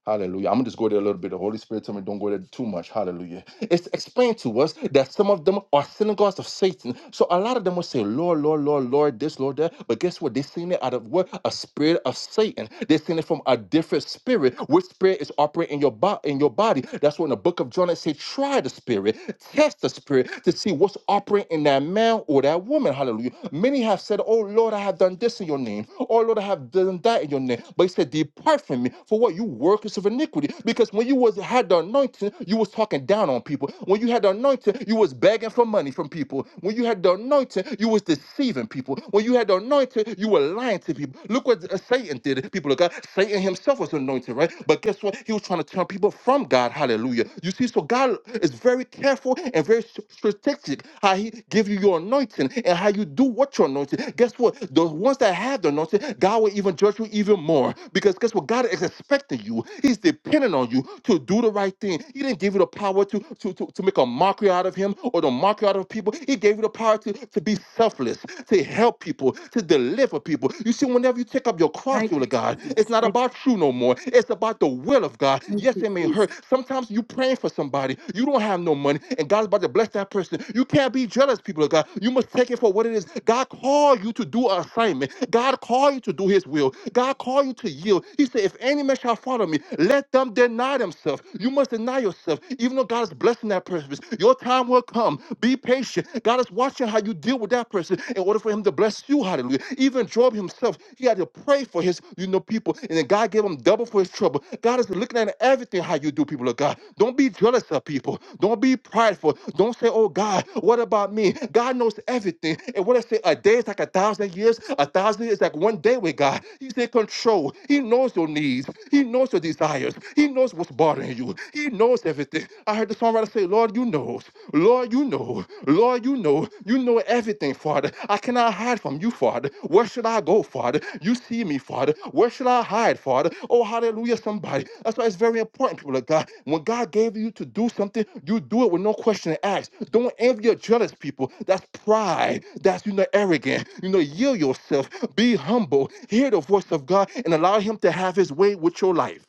B: Hallelujah. I'm gonna just go there a little bit. The Holy Spirit told me don't go there too much. Hallelujah. It's explained to us that some of them are synagogues of Satan. So a lot of them will say, Lord, Lord, Lord, Lord, this, Lord, that. But guess what? They're seeing it out of what? A spirit of Satan. They're seeing it from a different spirit. Which spirit is operating in your body in your body? That's when the book of John it say, try the spirit, test the spirit to see what's operating in that man or that woman. Hallelujah. Many have said, Oh Lord, I have done this in your name. Oh Lord, I have done that in your name. But he said, Depart from me. For what you work workers of iniquity. Because when you was had the anointing, you was talking down on people. When you had the anointing, you was begging for money from people. When you had the anointing, you was deceiving people. When you had the anointing, you were lying to people. Look what uh, Satan did. People of God, Satan himself was anointed, right? But guess what? He was trying to turn people from God. Hallelujah. You see, so God is very careful and very s- strategic how He give you your anointing and how you do what you're anointed. Guess what? The ones that have the anointing, God will even judge you even more because guess what? God is expecting you you. He's dependent on you to do the right thing. He didn't give you the power to, to, to, to make a mockery out of him or to mockery out of people. He gave you the power to, to be selfless, to help people, to deliver people. You see, whenever you take up your cross,
E: Thank you,
B: Lord God, it's
E: Jesus.
B: not
E: Thank,
B: about you no more. It's about the will of God.
E: you, thank
B: Yes,
E: you,
B: it may
E: Jesus.
B: hurt. Sometimes you praying for somebody, you don't have no money, and God's about to bless that person. You can't be jealous, people of God. You must take it for what it is. God called you to do an assignment. God called you to do his will. God called you to yield. He said, If any man shall follow me, me. Let them deny themselves. You must deny yourself, even though God is blessing that person. Your time will come. Be patient. God is watching how you deal with that person in order for him to bless you. Hallelujah. Even Job himself, he had to pray for his, you know, people, and then God gave him double for his trouble. God is looking at everything how you do, people of God. Don't be jealous of people. Don't be prideful. Don't say, "Oh God, what about me?" God knows everything. And what I say, a day is like a thousand years. A thousand years is like one day with God. He's in control. He knows your needs. He knows your desires. He knows what's bothering you. He knows everything. I heard the songwriter say, Lord, you know. Lord, you know. Lord, you know. You know everything, Father. I cannot hide from you, Father. Where should I go, Father? You see me, Father. Where should I hide, Father? Oh, hallelujah, somebody. That's why it's very important, people of God. When God gave you to do something, you do it with no question asked. Don't envy or jealous people. That's pride. That's, you know, arrogant. You know, yield yourself. Be humble. Hear the voice of God and allow Him to have His way with your life.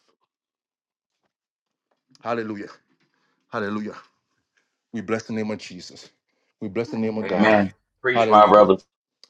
B: Hallelujah. Hallelujah. We bless the name of Jesus. We bless the name of God.
C: Amen.
A: Amen. Preach, my
B: Hallelujah.
A: brother.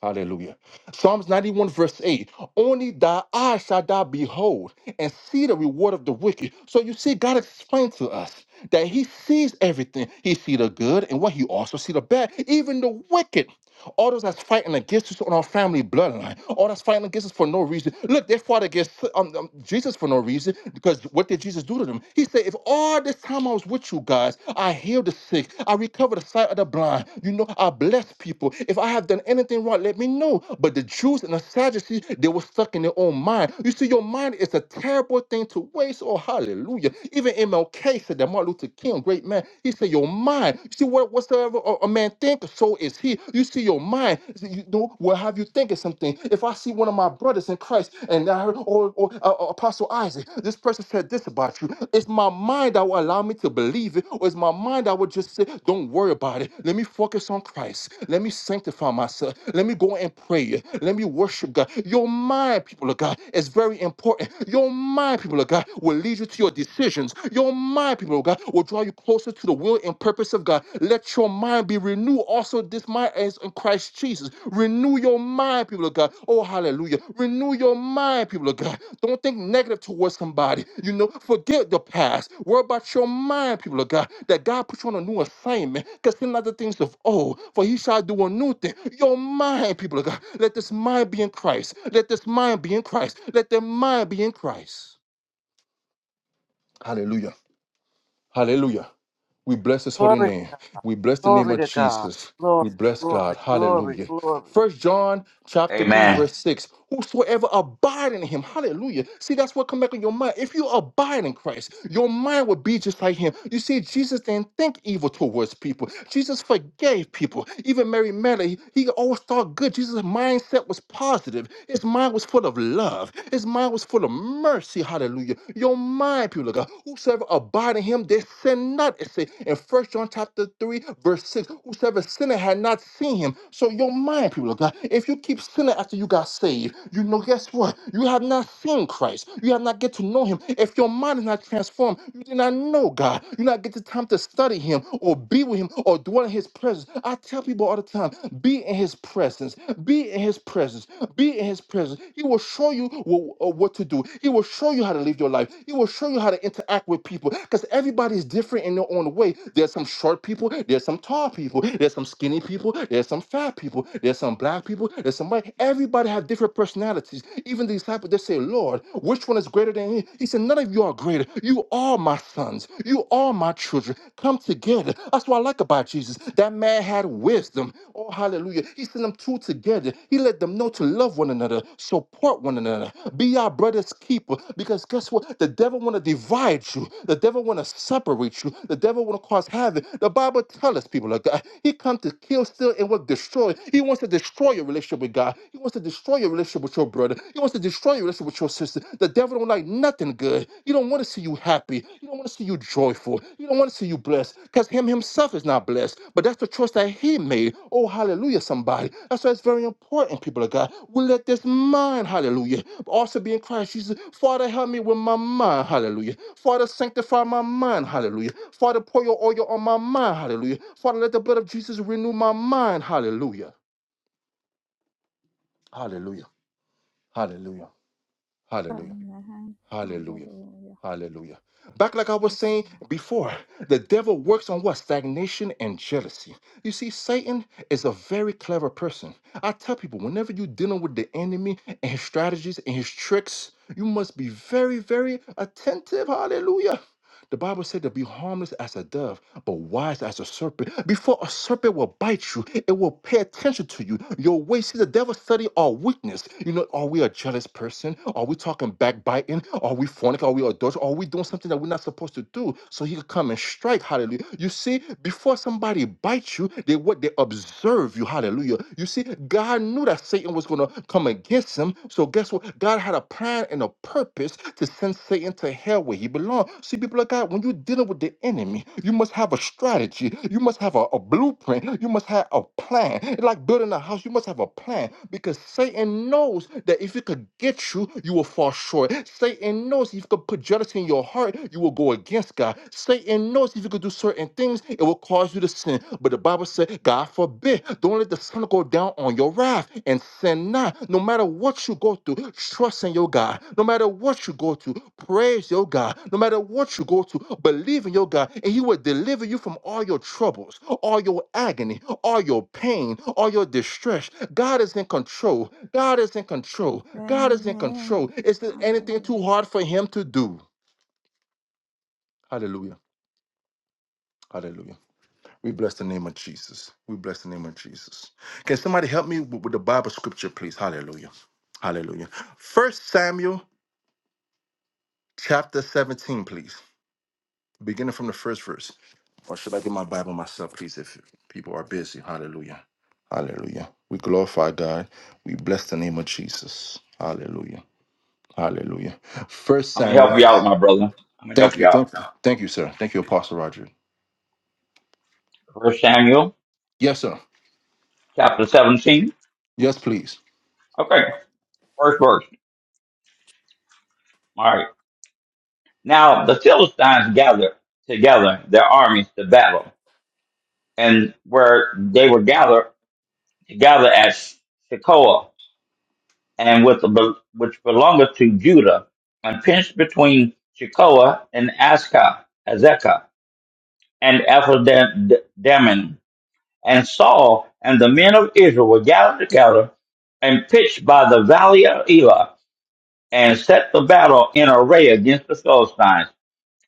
B: Hallelujah. Psalms 91, verse 8. Only thy eyes shall thou behold and see the reward of the wicked. So you see, God explained to us that He sees everything. He see the good and what He also see the bad, even the wicked. All those that's fighting against us on our family bloodline, all that's fighting against us for no reason. Look, they fought against um, um, Jesus for no reason because what did Jesus do to them? He said, If all this time I was with you guys, I healed the sick, I recovered the sight of the blind, you know, I blessed people. If I have done anything wrong, let me know. But the Jews and the Sadducees, they were stuck in their own mind. You see, your mind is a terrible thing to waste. Oh, hallelujah. Even MLK said that Martin Luther King, great man, he said, Your mind. you see, See, what whatsoever a, a man thinketh, so is he. You see, your mind, you know, will have you thinking something. If I see one of my brothers in Christ, and I heard, or, or uh, uh, Apostle Isaac, this person said this about you. It's my mind that will allow me to believe it, or it's my mind that will just say, don't worry about it. Let me focus on Christ. Let me sanctify myself. Let me go and pray. Let me worship God. Your mind, people of God, is very important. Your mind, people of God, will lead you to your decisions. Your mind people of God will draw you closer to the will and purpose of God. Let your mind be renewed. Also, this mind is in Christ Jesus. Renew your mind, people of God. Oh, hallelujah. Renew your mind, people of God. Don't think negative towards somebody. You know, forget the past. Worry about your mind, people of God. That God put you on a new assignment. Consider not the things of old, for he shall do a new thing. Your mind, people of God. Let this mind be in Christ. Let this mind be in Christ. Let their mind be in Christ. Hallelujah. Hallelujah. We bless his holy
E: Glory,
B: name. We bless the name
E: Glory
B: of
E: to God.
B: Jesus.
E: Glory,
B: We bless
E: glory,
B: God.
E: glory,
B: Hallelujah.
E: glory.
B: First John chapter 3,
A: Amen.
B: verse 6. Whosoever abide in him, hallelujah. See, that's what come back in your mind. If you abide in Christ, your mind will be just like him. You see, Jesus didn't think evil towards people. Jesus forgave people. Even Mary Magdalene, he always thought good. Jesus' mindset was positive. His mind was full of love. His mind was full of mercy. Hallelujah. Your mind, people of God, whosoever abide not in him, they sin not. It says in First John chapter 3, verse 6, whosoever sinner had not seen him. So your mind, people of God, if you keep sinning after you got saved, you know, guess what? You have not seen Christ. You have not get to know him. If your mind is not transformed, you did not know God. You not get the time to study him or be with him or dwell in his presence. I tell people all the time, be in his presence. Be in his presence. Be in his presence. He will show you what, what to do. He will show you how to live your life. He will show show you how to interact with people because everybody is different in their own way. There's some short people, there's some tall people, there's some skinny people, there's some fat people, there's some black people, there's some white. Everybody have different personalities. Even the disciples, they say, Lord, which one is greater than he? He said, None of you are greater. You are my sons. You are my children. Come together. That's what I like about Jesus. That man had wisdom. Oh, hallelujah. He sent them two together. He let them know to love one another, support one another, be our brother's keeper people because guess what? The devil want to divide you. The devil want to separate you. The devil want to cause havoc. The Bible tells us, people of God, he come to kill, steal, and what destroy. He wants to destroy your relationship with God. He wants to destroy your relationship with your brother. He wants to destroy your relationship with your sister. The devil don't like nothing good. He don't want to see you happy. He don't want to see you joyful. He don't want to see you blessed because him himself is not blessed. But that's the choice that he made. Oh, hallelujah, somebody. That's why it's very important, people of God. We let this mind, hallelujah also be in Christ. Jesus, Father, help me with my mind. Hallelujah. Father, sanctify my mind. Hallelujah. Father, pour your oil on my mind. Hallelujah. Father, let the blood of Jesus renew my mind. Hallelujah. Hallelujah. Hallelujah. Hallelujah.
C: Amen.
B: Hallelujah.
C: Hallelujah.
B: Hallelujah. Back like I was
C: Yes,
B: saying
C: Lord.
B: before, the devil works on what? Stagnation and jealousy. You see, Satan is a very clever person. I tell people, whenever you're dealing with the enemy and his strategies and his tricks, you must be very, very attentive. Hallelujah. The Bible said to be harmless as a dove but wise as a serpent. Before a serpent will bite you, it will pay attention to you. Your ways see the devil study our weakness. You know, are we a jealous person? Are we talking backbiting? Are we fornicating? Are we adulterous? Are we doing something that we're not supposed to do? So he could come and strike. Hallelujah. You see, before somebody bites you, they what they observe you. Hallelujah. You see, God knew that Satan was gonna come against him. So guess what? God had a plan and a purpose to send Satan to hell where he belongs. See, people of God, when you're dealing with the enemy, you must have a strategy. You must have a, a blueprint. You must have a plan. It's Like building a house, you must have a plan because Satan knows that if he could get you, you will fall short. Satan knows if he could put jealousy in your heart, you will go against God. Satan knows if you could do certain things, it will cause you to sin. But the Bible said God forbid. Don't let the sun go down on your wrath and sin not. No matter what you go through, trust in your God. No matter what you go through, praise your God. No matter what you go through, believe in your God, and He will deliver you from all your troubles, all your agony, all your pain, all your distress. God is in control. God is in control. God is in
C: Amen.
B: control. Is there anything too
C: Hallelujah.
B: hard for Him to do? Hallelujah. Hallelujah. We bless the name of Jesus. We bless the name of Jesus. Can somebody help me with, with the Bible scripture, please? Hallelujah. Hallelujah. First Samuel chapter 17, please. Beginning from the first verse. Or should I get my Bible myself, please, if people are busy? Hallelujah. Hallelujah. We glorify God. We bless the name of Jesus. Hallelujah. Hallelujah. First
A: I'm going to
B: Samuel.
A: help you out, my brother. I'm going to help
B: Thank
A: you
B: you.
A: out.
B: Thank you. Thank you, sir. Thank you, Apostle Roger.
A: First Samuel,
B: Yes, sir.
A: chapter 17.
B: Yes, please.
A: Okay. First verse. All right. Now the Philistines gathered together their armies to battle, and where they were gathered together at Shekoah, and with the, bel- which belongeth to Judah, and pinched between Shekoah and Ascah, Azekah, and Ephedamin. And Saul and the men of Israel were gathered together and pitched by the valley of Elah, and set the battle in array against the Philistines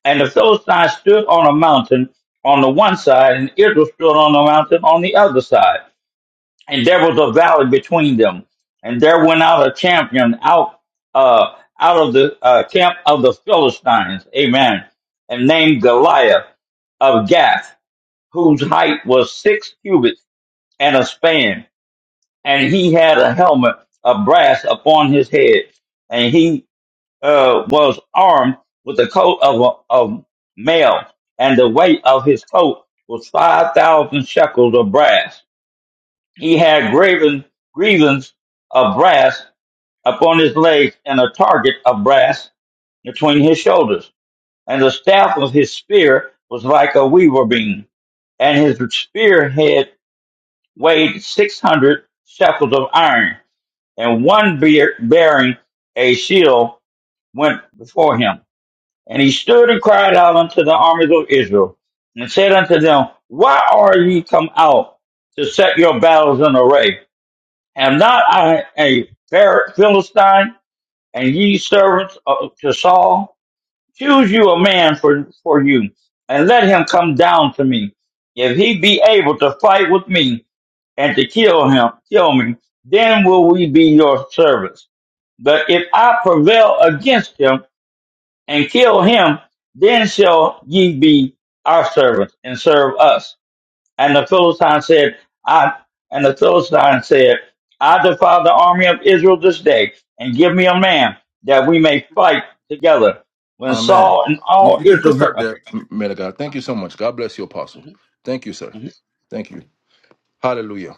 A: And the Philistines stood on a mountain on the one side, and Israel stood on a mountain on the other side. And there was a valley between them. And there went out a champion out uh, out of the uh, camp of the Philistines, amen, and named Goliath of Gath, whose height was six cubits and a span. And he had a helmet of brass upon his head, and he uh, was armed with a coat of, a, of mail, and the weight of his coat was 5,000 shekels of brass. He had graven grievance of brass upon his legs and a target of brass between his shoulders. And the staff of his spear was like a weaver beam, and his spear head weighed 600 shekels of iron, and one bear bearing a shield went before him And he stood and cried out unto the armies of Israel, and said unto them, Why are ye come out to set your battles in array? Am not I a fair Philistine, and ye servants of, to Saul? Choose you a man for, for you, and let him come down to me. If he be able to fight with me, and to kill him, kill me, then will we be your servants. But if I prevail against him, and kill him, then shall ye be our servants and serve us. And the Philistine said, I and the Philistine said, I defy the army of Israel this day, and give me a man that we may fight together. When
B: Amen.
A: Saul and
B: You,
A: all
B: you, can- you can
A: Israel heard,
B: stop there,
A: okay.
B: M- man of God. Thank you so much. God bless you, Apostle. Thank you, sir.
A: Mhm.
B: Thank you. Hallelujah.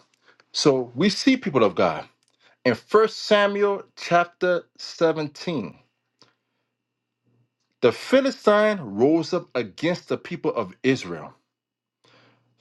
B: So we see people of God in First Samuel chapter 17. The Philistine rose up against the people of Israel.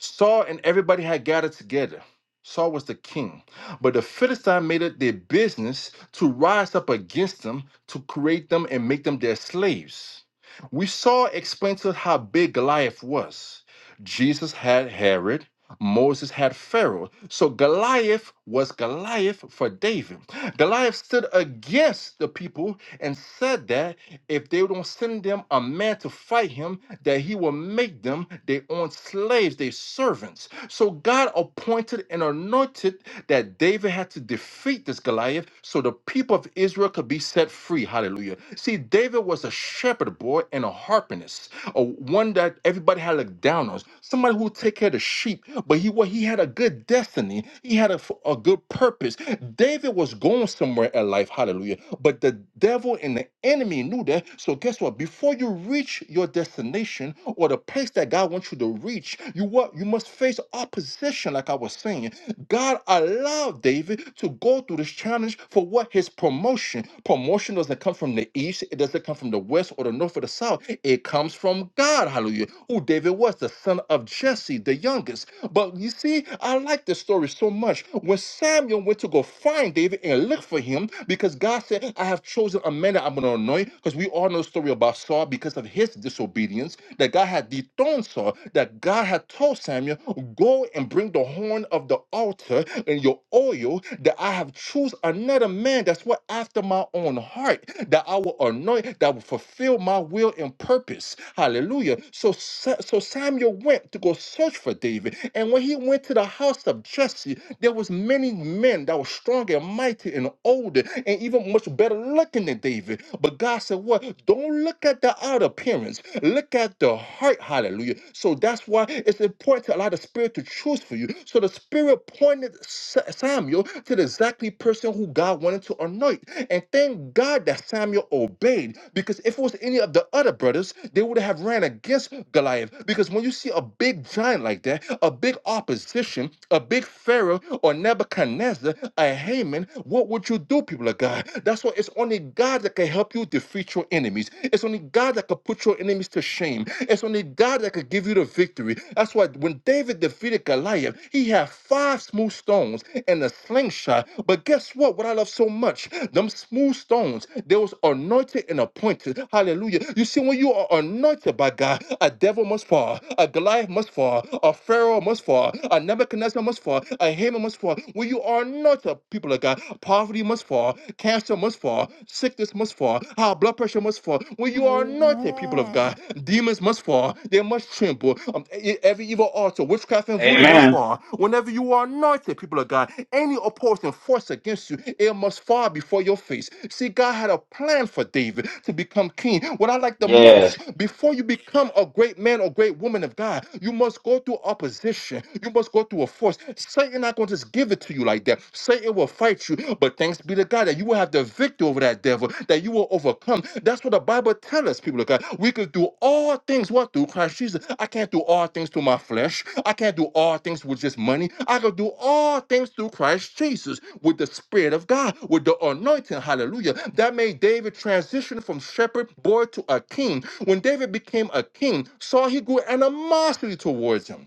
B: Saul and everybody had gathered together. Saul was the king, but the Philistines made it their business to rise up against them, to create them and make them their slaves. We saw explained to us how big Goliath was. Jesus had Herod, Moses had Pharaoh. So Goliath was Goliath for David. Goliath stood against the people and said that if they don't send them a man to fight him, that he will make them their own slaves, their servants. So God appointed and anointed that David had to defeat this Goliath so the people of Israel could be set free. Hallelujah. See, David was a shepherd boy and a harpist or one that everybody had looked down on, somebody who would take care of the sheep, but he wa- he had a good destiny, he had a, f- a good purpose. David was going somewhere in life, hallelujah. But the devil and the enemy knew that. So guess what? Before you reach your destination or the place that God wants you to reach, you what you must face opposition, like I was saying. God allowed allowed David to go through this challenge for what? His promotion. Promotion doesn't come from the east, it doesn't come from the west or the north or the south. It comes from God, hallelujah, who David was, the son of Jesse, the youngest. But you see, I like this story so much. When Samuel went to go find David and look for him, because God said, I have chosen a man that I'm going to anoint, because we all know the story about Saul, because because of his disobedience that God had dethroned Saul, that God had told Samuel, Go and bring the horn of the altar and your oil, that I have choose another man that's what after my own heart, that I will anoint, that will fulfill my will and purpose. Hallelujah. So, Sa- so Samuel went to go search for David. And when he went to the house of Jesse, there was many men that were strong and mighty and older and even much better looking than David. But God said, What? Don't look at the outer appearance. Look at the heart. Hallelujah. So that's why it's important to allow the spirit to choose for you. So the spirit pointed Sa- Samuel to the exactly person who God wanted to anoint. And thank God that Samuel obeyed because if it was any of the other brothers, they would have ran against Goliath. Because when you see a big giant like that, a big opposition, a big big Pharaoh or Nebuchadnezzar, or Haman, what would you do, people of God? That's why it's only God that can help you defeat your enemies. It's only God that can put your enemies to shame. It's only God that can give you the victory. That's why when David defeated Goliath, he had five smooth stones and a slingshot. But guess what? What I love so much, them smooth stones, they was anointed and appointed. Hallelujah. You see, when you are anointed by God, a devil must fall, a Goliath must fall, a Pharaoh must fall, a Nebuchadnezzar must fall. A Haman must fall. Where you are not the people of God. Poverty must fall. Cancer must fall. Sickness must fall. High blood pressure must fall. Where you are not the people of
C: Amen.
B: God. Demons must fall. They must tremble. Um, e- every evil altar, witchcraft, and voodoo must
A: Amen.
B: fall. Whenever you are anointed, people of God, any opposing force against you, it must fall before your face. See, God had a plan for David to become king. What I like the
A: Yes.
B: most, before you become a great man or great woman of God, you must go through opposition oppression. You must go through a force. Satan not going to just give it to you like that. Satan will fight you, but thanks be to God that you will have the victory over that devil, that you will overcome. That's what the Bible tells us, people of God. We could do all things what through Christ Jesus. I can't do all things through my flesh. I can't do all things with just money. I can do all things through Christ Jesus with the Spirit of God, with the anointing. Hallelujah. That made David transition from shepherd boy to a king. When David became a king, Saul he grew animosity towards him.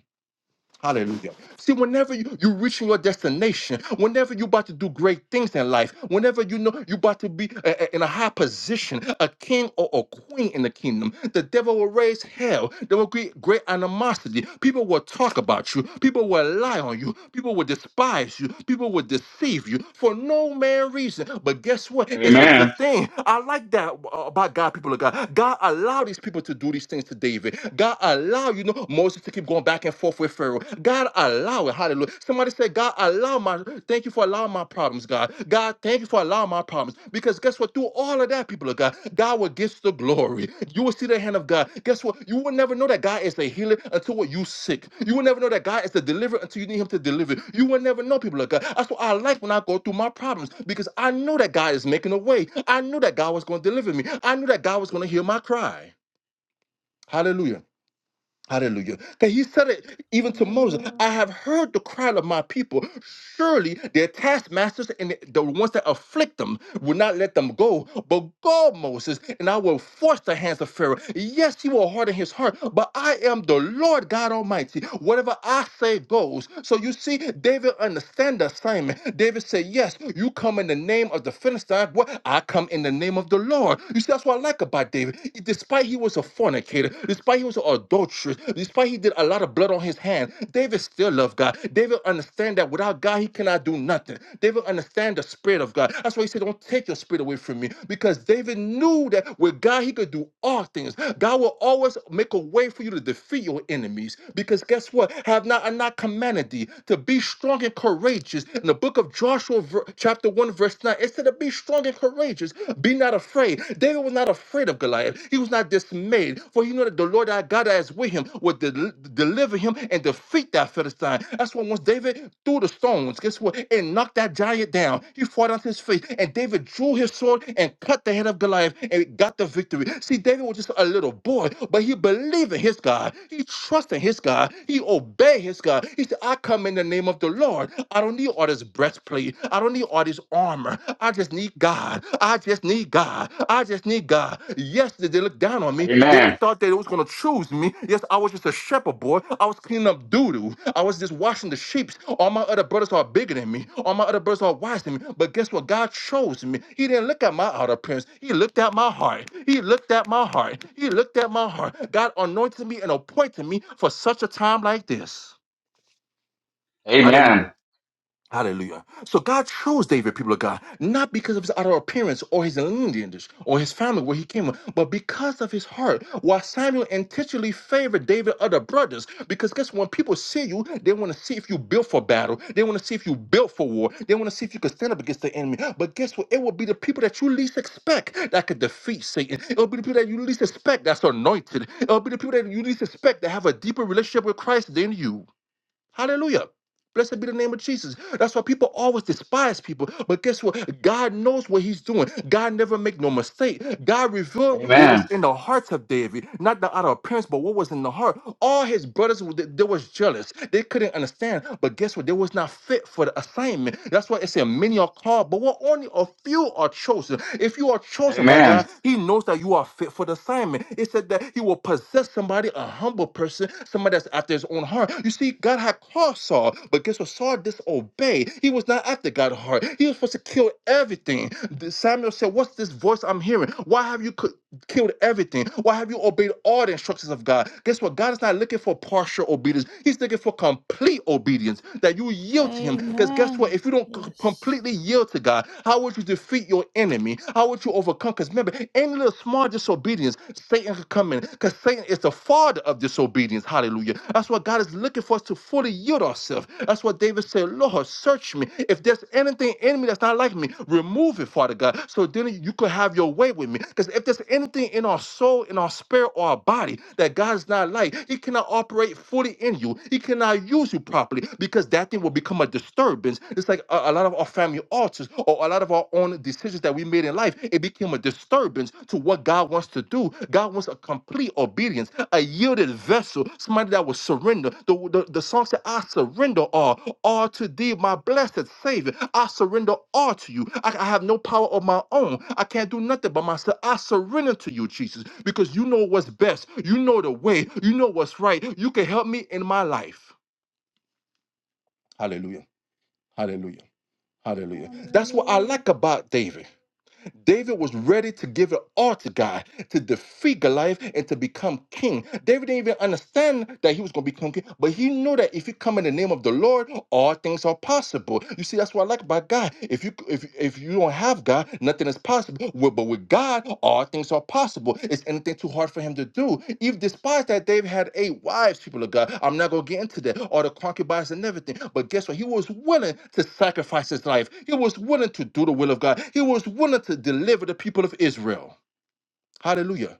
B: Hallelujah. See, whenever you, you reaching your destination, whenever you're about to do great things in life, whenever you know you're about to be a- a- in a high position, a king or a queen in the kingdom, the devil will raise hell. There will be great animosity. People will talk about you. People will lie on you. People will despise you. People will deceive you for no man reason. But guess what? It's a good
A: Amen.
B: thing. I like that uh, about God, people of God. God allowed these people to do these things to David. God allowed now you know Moses to keep going back and forth with Pharaoh. God allow it. Hallelujah. Somebody said, God allow my thank you for allowing my problems, God. God, thank you for allowing my problems. Because guess what? Through all of that, people of God, God will get the glory. You will see the hand of God. Guess what? You will never know that God is a healer until what you sick. You will never know that God is the deliverer until you need him to deliver. You will never know, people of God. That's what I like when I go through my problems because I know that God is making a way. I knew that God was going to deliver me. I knew that God was going to hear my cry. Hallelujah. Hallelujah. Because he said it even to Moses. I have
C: Hallelujah.
B: heard the cry of my people. Surely their taskmasters and the ones that afflict them will not let them go, but go, Moses, and I will force the hands of Pharaoh. Yes, he will harden his heart, but I am the Lord God Almighty. Whatever I say goes. So you see, David understand the assignment. David said, Yes, you come in the name of the Philistine, boy, I come in the name of the Lord. You see, that's what I like about David. Despite he was a fornicator, despite he was an adulteress, despite he did a lot of blood on his hand, David still loved God. God. David understand that without God, he cannot do nothing. David understand the spirit of God. That's why he said, Don't take your spirit away from me. Because David knew that with God, he could do all things. God will always make a way for you to defeat your enemies. Because guess what? Have not I not commanded thee to be strong and courageous. In the book of Joshua, ver- chapter 1, verse 9, it said to be strong and courageous. Be not afraid. David was not afraid of Goliath. He was not dismayed made. For you know that the Lord our God that is with him will del- deliver him and defeat that Philistine. That's why once David threw the stones, guess what? And knocked that giant down. He fought on his face. And David drew his sword and cut the head of Goliath and got the victory. See, David was just a little boy, but he believed in his God. He trusted in his God. He obeyed his God. He said, I come in the name of the Lord. I don't need all this breastplate. I don't need all this armor. I just need God. I just need God. I just need God. Yes, they they looked down on me. They didn't
A: Amen.
B: thought they was gonna choose me. Yes, I was just a shepherd boy. I was cleaning up doo-doo. I was just washing the sheep. All my other brothers are bigger than me. All my other brothers are wise than me. But guess what? God chose me. He didn't look at my outer appearance. He looked at my heart. He looked at my heart. He looked at my heart. God anointed me and appointed me for such a time like this.
A: Amen.
B: Hallelujah. Hallelujah. So God chose David, people of God, not because of his outer appearance or his lineage or his family where he came from, but because of his heart. While Samuel intentionally favored David other brothers, because guess what? when people see you, they want to see if you built for battle. They want to see if you built for war. They want to see if you can stand up against the enemy. But guess what? It will be the people that you least expect that could defeat Satan. It will be the people that you least expect that's anointed. It will be the people that you least expect that have a deeper relationship with Christ than you. Hallelujah. Blessed be the name of Jesus. That's why people always despise people. But guess what? God knows what he's doing. God never make no mistake. God revealed what
A: Amen.
B: was
A: Amen.
B: in the hearts of David, not the outer appearance, but what was in the heart. All his brothers, they they was jealous. They couldn't understand. But guess what? They was not fit for the assignment. That's why it said many are called, but what only a few are chosen. If you are chosen by God,
A: Amen.
B: He knows that you are fit for the assignment. It said that He will possess somebody, a humble person, somebody that's after His own heart. You see, God had called Saul, but guess what? Saul disobeyed. He was not after God's heart. He was supposed to kill everything. The- Samuel said, "What's this voice I'm hearing? Why have you?" co- killed everything? Why have you obeyed all the instructions of God? Guess what? God is not looking for partial obedience. He's looking for complete obedience, that you yield to Him. Because guess what?
C: Amen.
B: If you don't c-
C: Yes.
B: completely yield to God, how would you defeat your enemy? How would you overcome? Because remember, any little small disobedience, Satan could come in. Because Satan is the father of disobedience. Hallelujah. That's why God is looking for us to fully yield ourselves live. That's what David said, Lord, search me. If there's anything in me that's not like me, remove it, Father God, so then you could have your way with me. Because if there's anything in our soul, in our spirit, or our body that God is not like, He cannot operate fully in you. He cannot use you properly because that thing will become a disturbance. It's like a, a lot of our family altars or a lot of our own decisions that we made in life. It became a disturbance disturbance to what God wants to do. God wants a complete obedience, a yielded vessel, somebody that will surrender. The, the, the song said, I surrender all, all to thee, my blessed Savior. I surrender all to you. I, I have no power of my own. I can't do nothing by myself. I surrender to you, Jesus, because you know what's best. You know the way. You know what's right. You can help me in my life. Hallelujah. Hallelujah. Hallelujah. That's what I
C: Hallelujah.
B: like about David. David was ready to give it all to God to defeat Goliath and to become king. David didn't even understand that he was going to become king, but he knew that if you come in the name of the Lord, all things are possible. You see, that's what I like about God. If you if if you don't have God, nothing is possible. Well, But with God, all things are possible. Is anything too hard for him to do? Even despite that David had eight wives, people of God, I'm not going to get into that, all the concubines and everything. But guess what? He was willing to sacrifice his life. He was willing to do the will of God. He was willing to deliver the people of Israel. Hallelujah.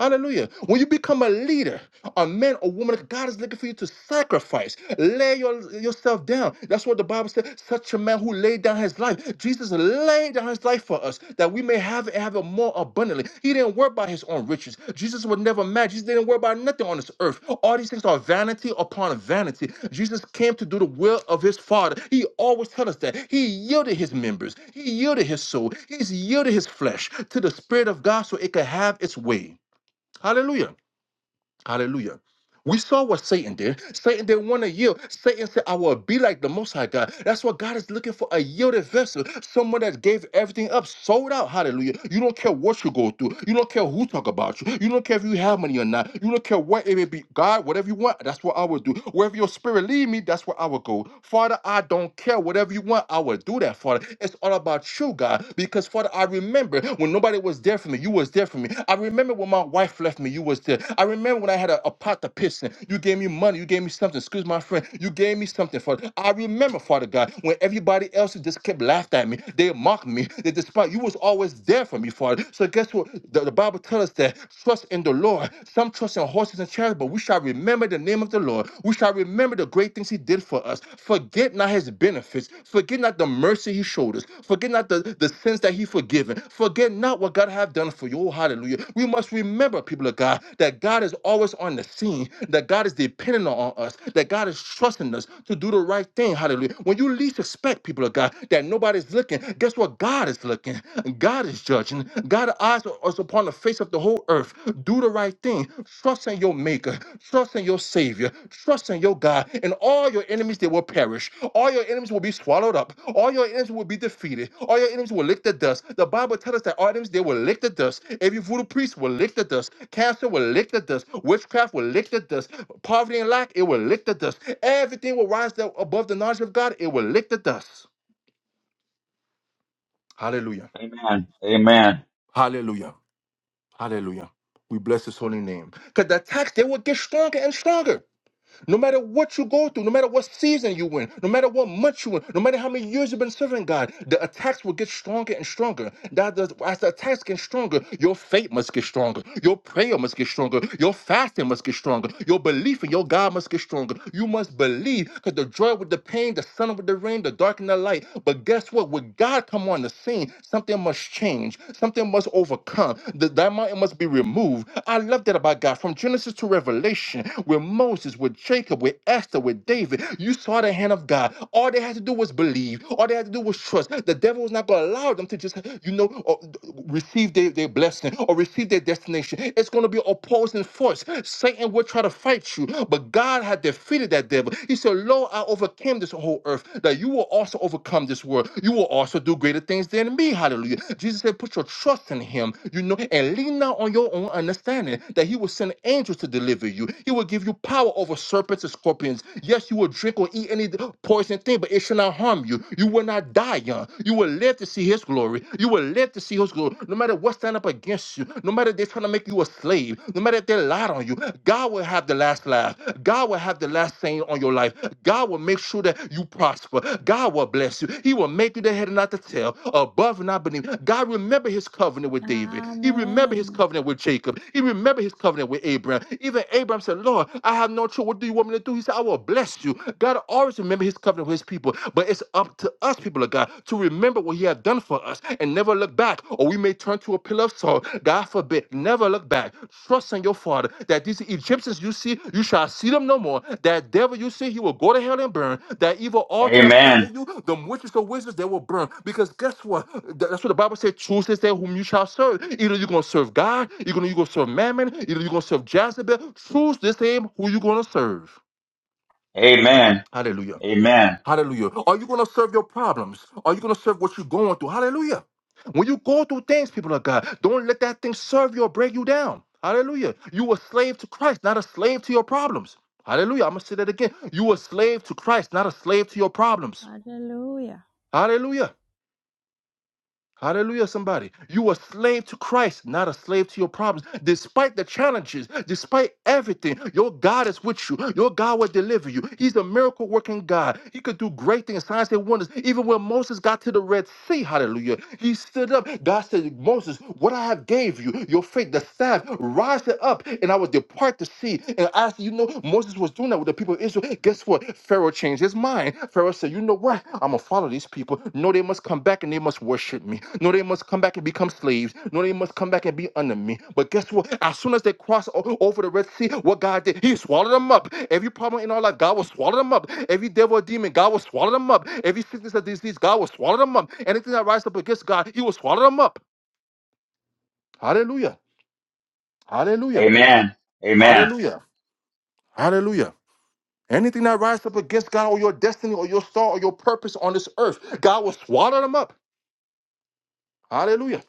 B: Hallelujah. When you become a leader, a man or woman, God is looking for you to sacrifice. Lay your, yourself down. That's what the Bible said. Such a man who laid down his life. Jesus laid down his life for us that we may have it, have it more abundantly. He didn't worry about his own riches. Jesus was never mad. Jesus didn't worry about nothing on this earth. All these things are vanity upon vanity. Jesus came to do the will of his Father. He always tells us that. He yielded his members, he yielded his soul, he's yielded his flesh to the Spirit of God so it could have its way. Hallelujah. Hallelujah. We saw what Satan did. Satan didn't want to yield. Satan said, I will be like the Most High God. That's what God is looking for a yielded vessel, someone that gave everything up, sold out. Hallelujah. You don't care what you go through. You don't care who talk about you. You don't care if you have money or not. You don't care what it may be. God, whatever you want, that's what I will do. Wherever your spirit lead me, that's where I will go. Father, I don't care. Whatever you want, I will do that, Father. It's all about you you, God, because Father, I remember when nobody was there for me, you was there for me. I remember when my wife left me, you was there. I remember when I had a, a pot to piss in, you gave me money, you gave me something. Excuse my friend, you gave me something, Father. I remember, Father God, when everybody else just kept laughing at me, they mocked me, they despised. you was always there for me, Father. So guess what? The, the Bible tells us that trust in the Lord. Some trust in horses and chariots, but we shall remember remember the name of the Lord. We shall remember the great things he did for us. Forget not his benefits. Forget not the mercy he showed us. Forget not the, the sins that he forgiven. Forget not what God have done for you. Oh, hallelujah. We must remember, people of God, that God is always on the scene, that God is dependent on us, that God is trusting us to do the right thing. Hallelujah. When you least expect, people of God, that nobody's looking, guess what? God God is looking. God is judging. God's eyes are are upon the face of the whole earth. Do the right thing. Trust in your Maker. Trust in your Savior. Trust in your God. And all your enemies, they will perish. All your enemies will be swallowed up. All your enemies will be defeated. All your enemies will lick the dust. The Bible tells us that our enemies, they will lick the dust. Every voodoo priest will lick the dust. Cancer will lick the dust. Witchcraft will lick the dust. Poverty and lack, it will lick the dust. Everything will rise up above the knowledge of God. It will lick the dust. Hallelujah.
A: Amen. Amen.
B: Hallelujah. Hallelujah. We bless his holy name. Because the attacks, they would get stronger and stronger. No matter what you go through, no matter what season you in, no matter what month you in, no matter how many years you've been serving God, the attacks will get stronger and stronger. That does, as the attacks get stronger, your faith must get stronger. Your prayer must get stronger. Your fasting must get stronger. Your belief in your God must get stronger. You must believe because the joy with the pain, the sun with the rain, the dark and the light. But guess what? When God come on the scene, something must change. Something must overcome. The, that mountain must be removed. I love that about God. From Genesis to Revelation, with Moses, with Jacob. Jacob, with Esther, with David. You saw the hand of God. All they had to do was believe. All they had to do was trust. The devil was not going to allow them to just, you know, or receive their, their blessing or receive their destination. It's going to be opposing force. Satan will try to fight you, but God had defeated that devil. He said, Lo, I overcame this whole earth, that you will also overcome this world. You will also do greater things than me. Hallelujah. Jesus said, Put your trust in him, you know, and lean not on your own understanding, that he will send angels to deliver you. He will give you power over serpents serpents and scorpions. Yes, you will drink or eat any poison thing, but it shall not harm you. You will not die young. You will live to see his glory. You will live to see his glory. No matter what stand up against you, no matter if they're trying to make you a slave, no matter if they lied on you, God will have the last laugh. God will have the last saying on your life. God will make sure that you prosper. God will bless you. He will make you the head and not the tail, above and not beneath. God remember his covenant with David. He remembered his
C: Amen.
B: covenant with Jacob. He remembered his covenant with Abraham. Even Abraham said, Lord, I have no choice. What do you want me want me to do? He said, I will bless you. God always remember his covenant with his people, but it's up to us, people of God, to remember what he has done for us and never look back, or we may turn to a pillar of salt. God forbid, never look back. Trust in your father that these Egyptians you see, you shall see them no more. That devil you see, he will go to hell and burn. That evil altar that's
A: Amen.
B: fighting you, the witches, the wizards, they will burn. Because guess what? Th- That's what the Bible said. Choose this day whom you shall serve. Either you're gonna serve God, you're gonna you are going to going to serve Mammon, either you're gonna serve Jezebel. Choose this day who you're gonna serve.
A: Amen.
B: Hallelujah. Hallelujah. Are you going to serve your problems? Are you going to serve what you're going through? Hallelujah. When you go through things, people of God, don't let that thing serve you or break you down. Hallelujah. You a slave to Christ, not a slave to your problems. Hallelujah. I'm going to say that again. You a slave to Christ, not a slave to your problems.
C: Hallelujah.
B: Hallelujah. Hallelujah, somebody. You are slave to Christ, not a slave to your problems. Despite the challenges, despite everything, your God is with you. Your God will deliver you. He's a miracle working God. He could do great things, signs and wonders. Even when Moses got to the Red Sea, hallelujah, he stood up. God said, Moses, what I have gave you, your faith, the staff, rise it up, and I will depart the sea. And as you know, Moses was doing with the people of Israel, guess what? Pharaoh changed his mind. Pharaoh said, You know what? I'm going to follow these people. No, they must come back and they must worship me. No, they must come back and become slaves. No, they must come back and be under me. But guess what? As soon as they crossed o- over the Red Sea, what God did, He swallowed them up. Every problem in our life, God will swallow them up. Every devil or demon, God will swallow them up. Every sickness or disease, God will swallow them up. Anything that rises up against God, He will swallow them up. Hallelujah. Hallelujah.
A: Amen. Amen.
B: Hallelujah. Hallelujah. Anything that rises up against God or your destiny or your star or your purpose on this earth, God will swallow them up. Hallelujah.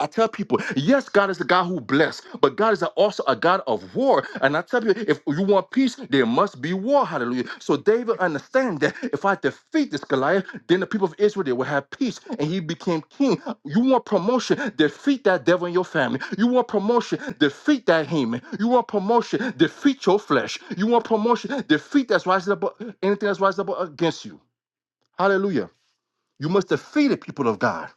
B: I tell people, yes, God is a God who bless, but God is also a God of war. And I tell you, if you want peace, there must be war. Hallelujah. So David understand that if I defeat this Goliath, then the people of Israel they will have peace. And he became king. You want promotion, defeat that devil in your family. You want promotion, defeat that Haman. You want promotion, defeat your flesh. You want promotion, defeat that's rising up anything that's rising up against you. Hallelujah. You must defeat the people of God.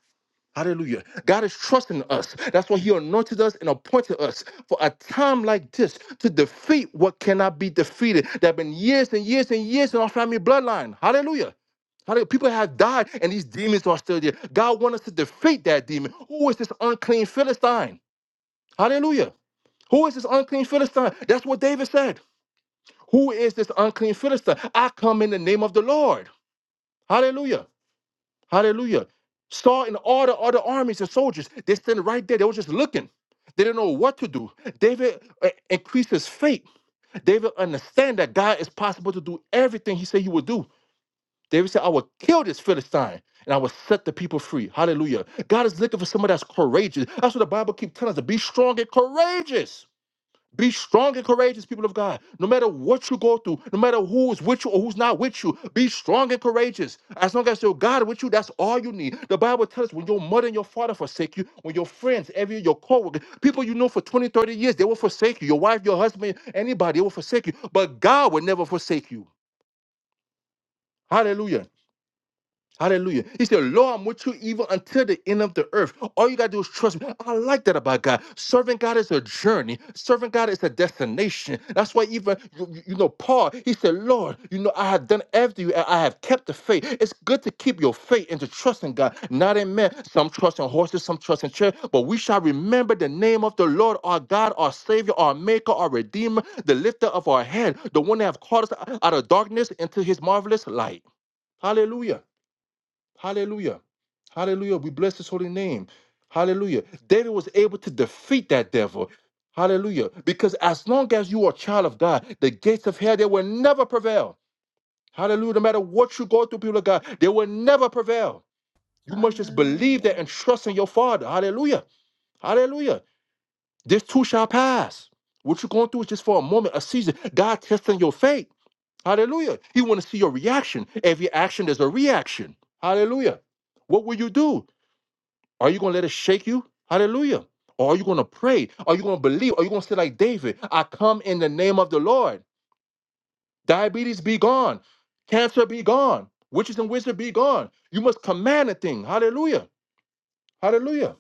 B: Hallelujah. God is trusting us. That's why He anointed us and appointed us for a time like this to defeat what cannot be defeated. There have been years and years and years in our family bloodline. Hallelujah. Hallelujah. People have died and these demons are still there. God wants us to defeat that demon. Who is this unclean Philistine? Hallelujah. Who is this unclean Philistine? That's what David said. Who is this unclean Philistine? I come in the name of the Lord. Hallelujah. Hallelujah. Saul and all the other armies and soldiers, they standing right there. They were just looking. They didn't know what to do. David uh, increased his faith. David understand that God is possible to do everything he said he would do. David said, I will kill this Philistine and I will set the people free. Hallelujah. God is looking for someone that's courageous. That's what the Bible keeps telling us to be strong and courageous. Be strong and courageous, people of God. No matter what you go through, no matter who is with you or who's not with you, be strong and courageous. As long as your God is with you, that's all you need. The Bible tells us when your mother and your father forsake you, when your friends, every your coworkers, people you know for 20, 30 years, they will forsake you. Your wife, your husband, anybody, they will forsake you. But God will never forsake you. Hallelujah. Hallelujah. He said, "Lord, I'm with you even until the end of the earth. All you got to do is trust me. I like that about God. Serving God is a journey, serving God is a destination. That's why, even, you, you- you know, Paul, he said, Lord, you know, I have done after you and I have kept the faith. It's good to keep your faith and to trust in God, not in men. Some trust in horses, some trust in chairs, but we shall remember the name of the Lord, our God, our Savior, our Maker, our Redeemer, the lifter of our head, the one that have called us out of darkness into his marvelous light. Hallelujah. Hallelujah. Hallelujah. We bless his holy name. Hallelujah. David was able to defeat that devil. Hallelujah. Because as long as you are a child of God, the gates of hell, they will never prevail. Hallelujah. No matter what you go through, people of God, they will never prevail. You must just believe that
C: Hallelujah.
B: and trust in your Father. Hallelujah. Hallelujah. This too shall pass. What you're going through is just for a moment, a season. God testing your faith. Hallelujah. He want to see your reaction. Every action, there's a reaction. Hallelujah. What will you do? Are you going to let it shake you? Hallelujah. Or are you going to pray? Are you going to believe? Are you going to say, like David, I come in the name of the Lord? Diabetes be gone. Cancer be gone. Witches and wizards be gone. You must command a thing. Hallelujah. Hallelujah.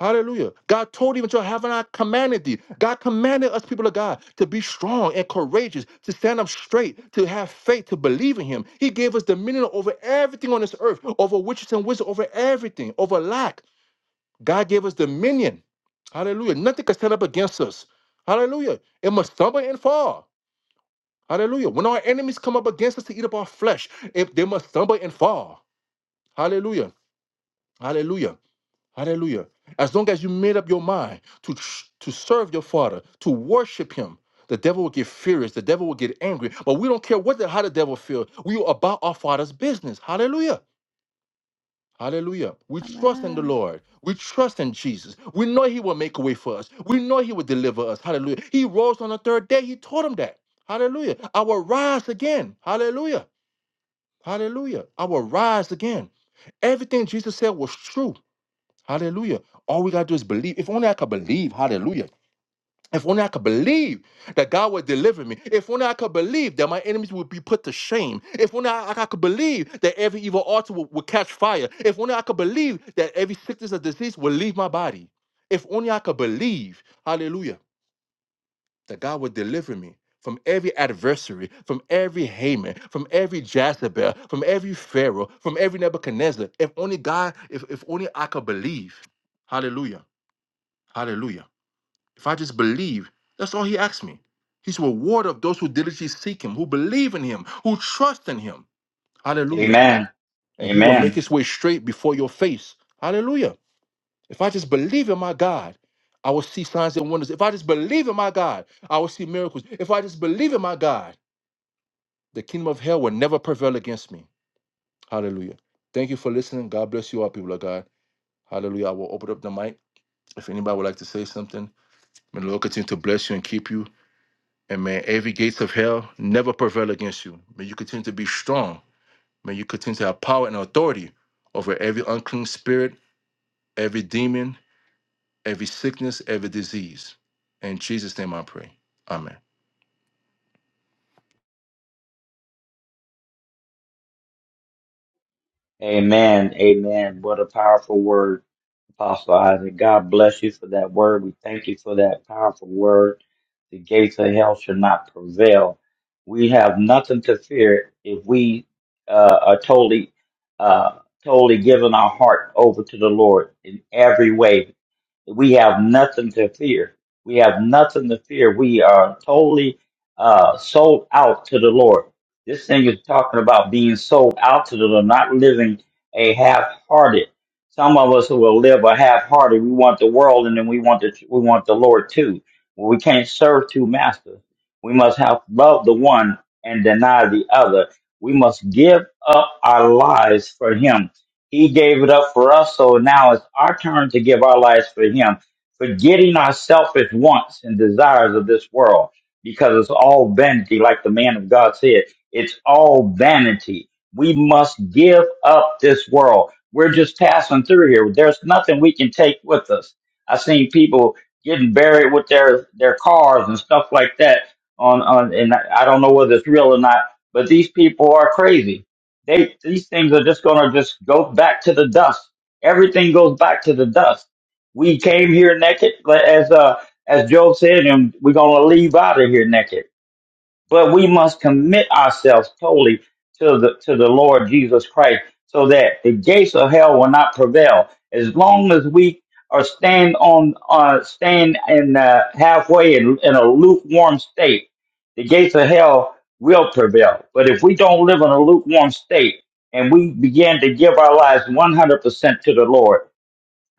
B: Hallelujah. God told even to have not commanded thee. God commanded us, people of God, to be strong and courageous, to stand up straight, to have faith, to believe in Him. He gave us dominion over everything on this earth, over witches and wizards, over everything, over lack God gave us dominion. Hallelujah. Nothing can stand up against us. Hallelujah. It must stumble and fall. Hallelujah. When our enemies come up against us to eat up our flesh, if they must stumble and fall. Hallelujah. Hallelujah. Hallelujah. As long as you made up your mind to tr- to serve your father, to worship him, the devil will get furious. The devil will get angry. But we don't care what the, how the devil feels. We are about our father's business. Hallelujah. Hallelujah. We trust in the
C: Amen.
B: Lord. We trust in Jesus. We know He will make a way for us. We know He will deliver us. Hallelujah. He rose on the third day. He told him that. Hallelujah. I will rise again. Hallelujah. Hallelujah. I will rise again. Everything Jesus said was true. Hallelujah. All we got to do is believe. If only I could believe. Hallelujah. If only I could believe that God would deliver me. If only I could believe that my enemies would be put to shame. If only I, I could believe that every evil altar would, would catch fire. If only I could believe that every sickness or disease would leave my body. If only I could believe, hallelujah, that God would deliver me from every adversary, from every Haman, from every Jezebel, from every Pharaoh, from every Nebuchadnezzar. If only God, if, if only I could believe. Hallelujah. Hallelujah. If I just believe, that's all he asks me. He's a rewarder of those who diligently seek him, who believe in him, who trust in him. Hallelujah.
A: Amen.
B: And he will make
A: Amen.
B: his way straight before your face. Hallelujah. If I just believe in my God, I will see signs and wonders. If I just believe in my God, I will see miracles. If I just believe in my God, the kingdom of hell will never prevail against me. Hallelujah. Thank you for listening. God bless you all, people of God. Hallelujah. I will open up the mic. If anybody would like to say something, may the Lord continue to bless you and keep you. And may every gates of hell never prevail against you. May you continue to be strong. May you continue to have power and authority over every unclean spirit, every demon, every sickness, every disease. In Jesus' name I pray. Amen.
A: Amen. Amen. What a powerful word, Apostle Isaac. God bless you for that word. We thank you for that powerful word. The gates of hell shall not prevail. We have nothing to fear if we uh, are totally, uh, totally giving our heart over to the Lord in every way. We have nothing to fear. We have nothing to fear. We are totally uh, sold out to the Lord. This thing is talking about being sold out to the Lord, not living a half-hearted. Some of us who will live a half-hearted. We want the world, and then we want the we want the Lord too. Well, We can't serve two masters. We must have love the one and deny the other. We must give up our lives for Him he gave it up for us, so now it's our turn to give our lives for Him, forgetting our selfish wants and desires of this world, because it's all vanity, like the man of God said. It's all vanity. We must give up this world. We're just passing through here. There's nothing we can take with us. I've seen people getting buried with their, their cars and stuff like that on, on, and I I don't know whether it's real or not, but these people are crazy they these things are just gonna just go back to the dust. Everything goes back to the dust. We came here naked, but as uh as Job said, and we're gonna leave out of here naked but we must commit ourselves totally to the to the Lord Jesus Christ, so that the gates of hell will not prevail. As long as we are stand on uh, stand in uh, halfway in, in a lukewarm state, the gates of hell will prevail. But if we don't live in a lukewarm state and we begin to give our lives one hundred percent to the Lord,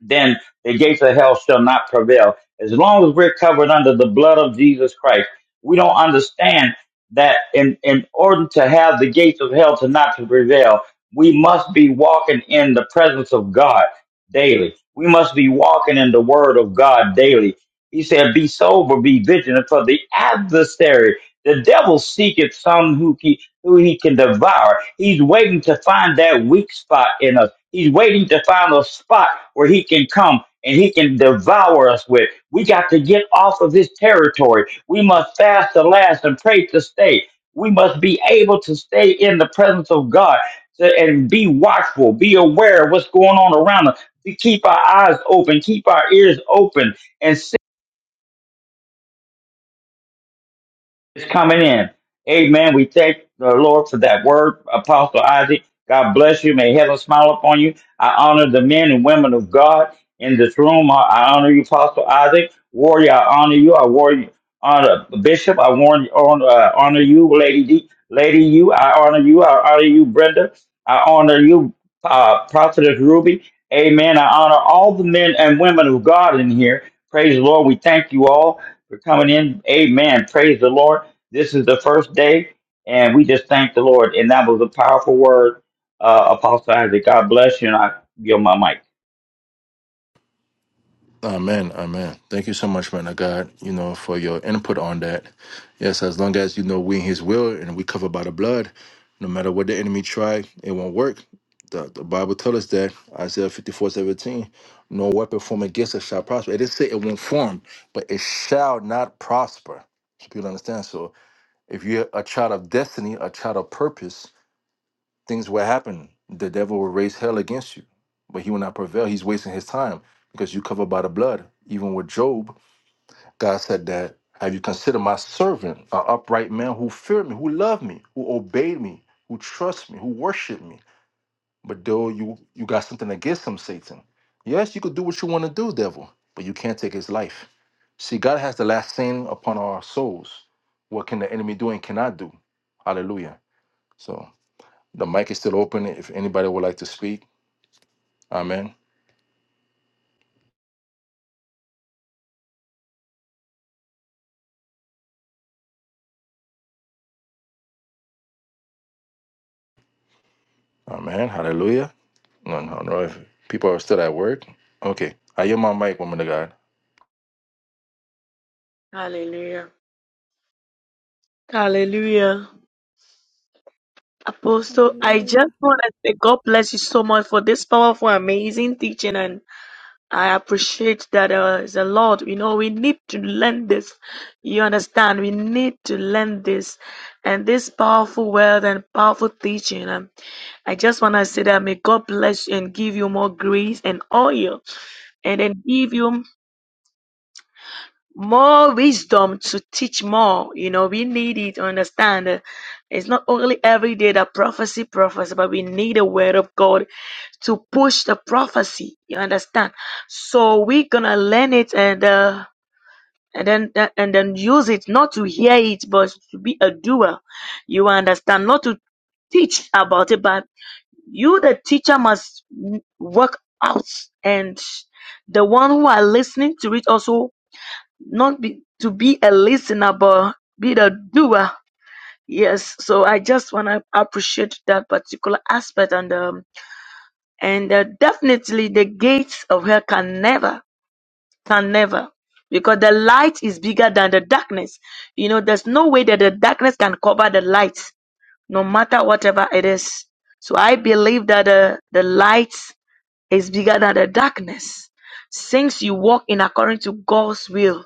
A: then the gates of hell shall not prevail. As long as we're covered under the blood of Jesus Christ, we don't understand that in, in order to have the gates of hell to not to prevail, we must be walking in the presence of God daily. We must be walking in the word of God daily. He said, be sober, be vigilant for the adversary. The devil seeketh some who he, who he can devour. He's waiting to find that weak spot in us. He's waiting to find a spot where he can come and he can devour us with. We got to get off of this territory. We must fast to last and pray to stay. We must be able to stay in the presence of God to- and be watchful, be aware of what's going on around us. We keep our eyes open, keep our ears open, and. It's coming in. Amen. We thank the Lord for that word, Apostle Isaac. God bless you. May heaven smile upon you. I honor the men and women of God in this room. I, I honor you, Apostle Isaac. Warrior, I honor you. I warrior Honor Bishop, I warn, honor, uh, honor you, Lady D, Lady you, I honor you, I honor you, Brenda, I honor you, uh, Prophetess Ruby, Amen. I honor all the men and women of God in here. Praise the Lord. We thank you all for coming in. Amen. Praise the Lord. This is the first day, and we just thank the Lord. And that was a powerful word, uh, Apostle Isaac. God bless you, and I give my mic.
B: Amen, amen. Thank you so much, man of God, you know, for your input on that. Yes, as long as you know we in his will and we covered by the blood, no matter what the enemy try, it won't work. The, the Bible tells us that Isaiah 54 17: no weapon formed against us shall prosper. It didn't say it won't form, but it shall not prosper. So people understand. So if you're a child of destiny, a child of purpose, things will happen. The devil will raise hell against you, but he will not prevail. He's wasting his time because you covered by the blood. Even with Job, God said that, have you considered my servant, an upright man who feared me, who loved me, who obeyed me, who trusts me, who worshiped me? But though you you got something against him, Satan. Yes, you could do what you want to do, devil, but you can't take his life. See, God has the last saying upon our souls. What can the enemy do and cannot do? Hallelujah. So the mic is still open if anybody would like to speak. Amen. Amen. Hallelujah. No, no, no. If people are still at work, okay. I hear my mic, woman of God.
F: Hallelujah. Hallelujah. Apostle, I just
C: Hallelujah.
F: want to say God bless you so much for this powerful, amazing teaching. And I appreciate that uh, it's a lot. You know, we need to learn this. You understand? We need to learn this. And this powerful word and powerful teaching. And I just want to say that may God bless you and give you more grace and oil. And then give you more wisdom to teach more. You know, we need it to understand that it's not only every day that prophecy prophesy, but we need the word of God to push the prophecy. You understand? So we're gonna learn it and uh and then uh, and then use it not to hear it but to be a doer. You understand? Not to teach about it, but you the teacher must work out and the one who are listening to it also not be, to be a listener, but be the doer. Yes, so I just want to appreciate that particular aspect, and um, and uh, definitely the gates of hell can never, can never, because the light is bigger than the darkness. You know, there's no way that the darkness can cover the light, no matter whatever it is. So I believe that uh, the light is bigger than the darkness, since you walk in according to God's will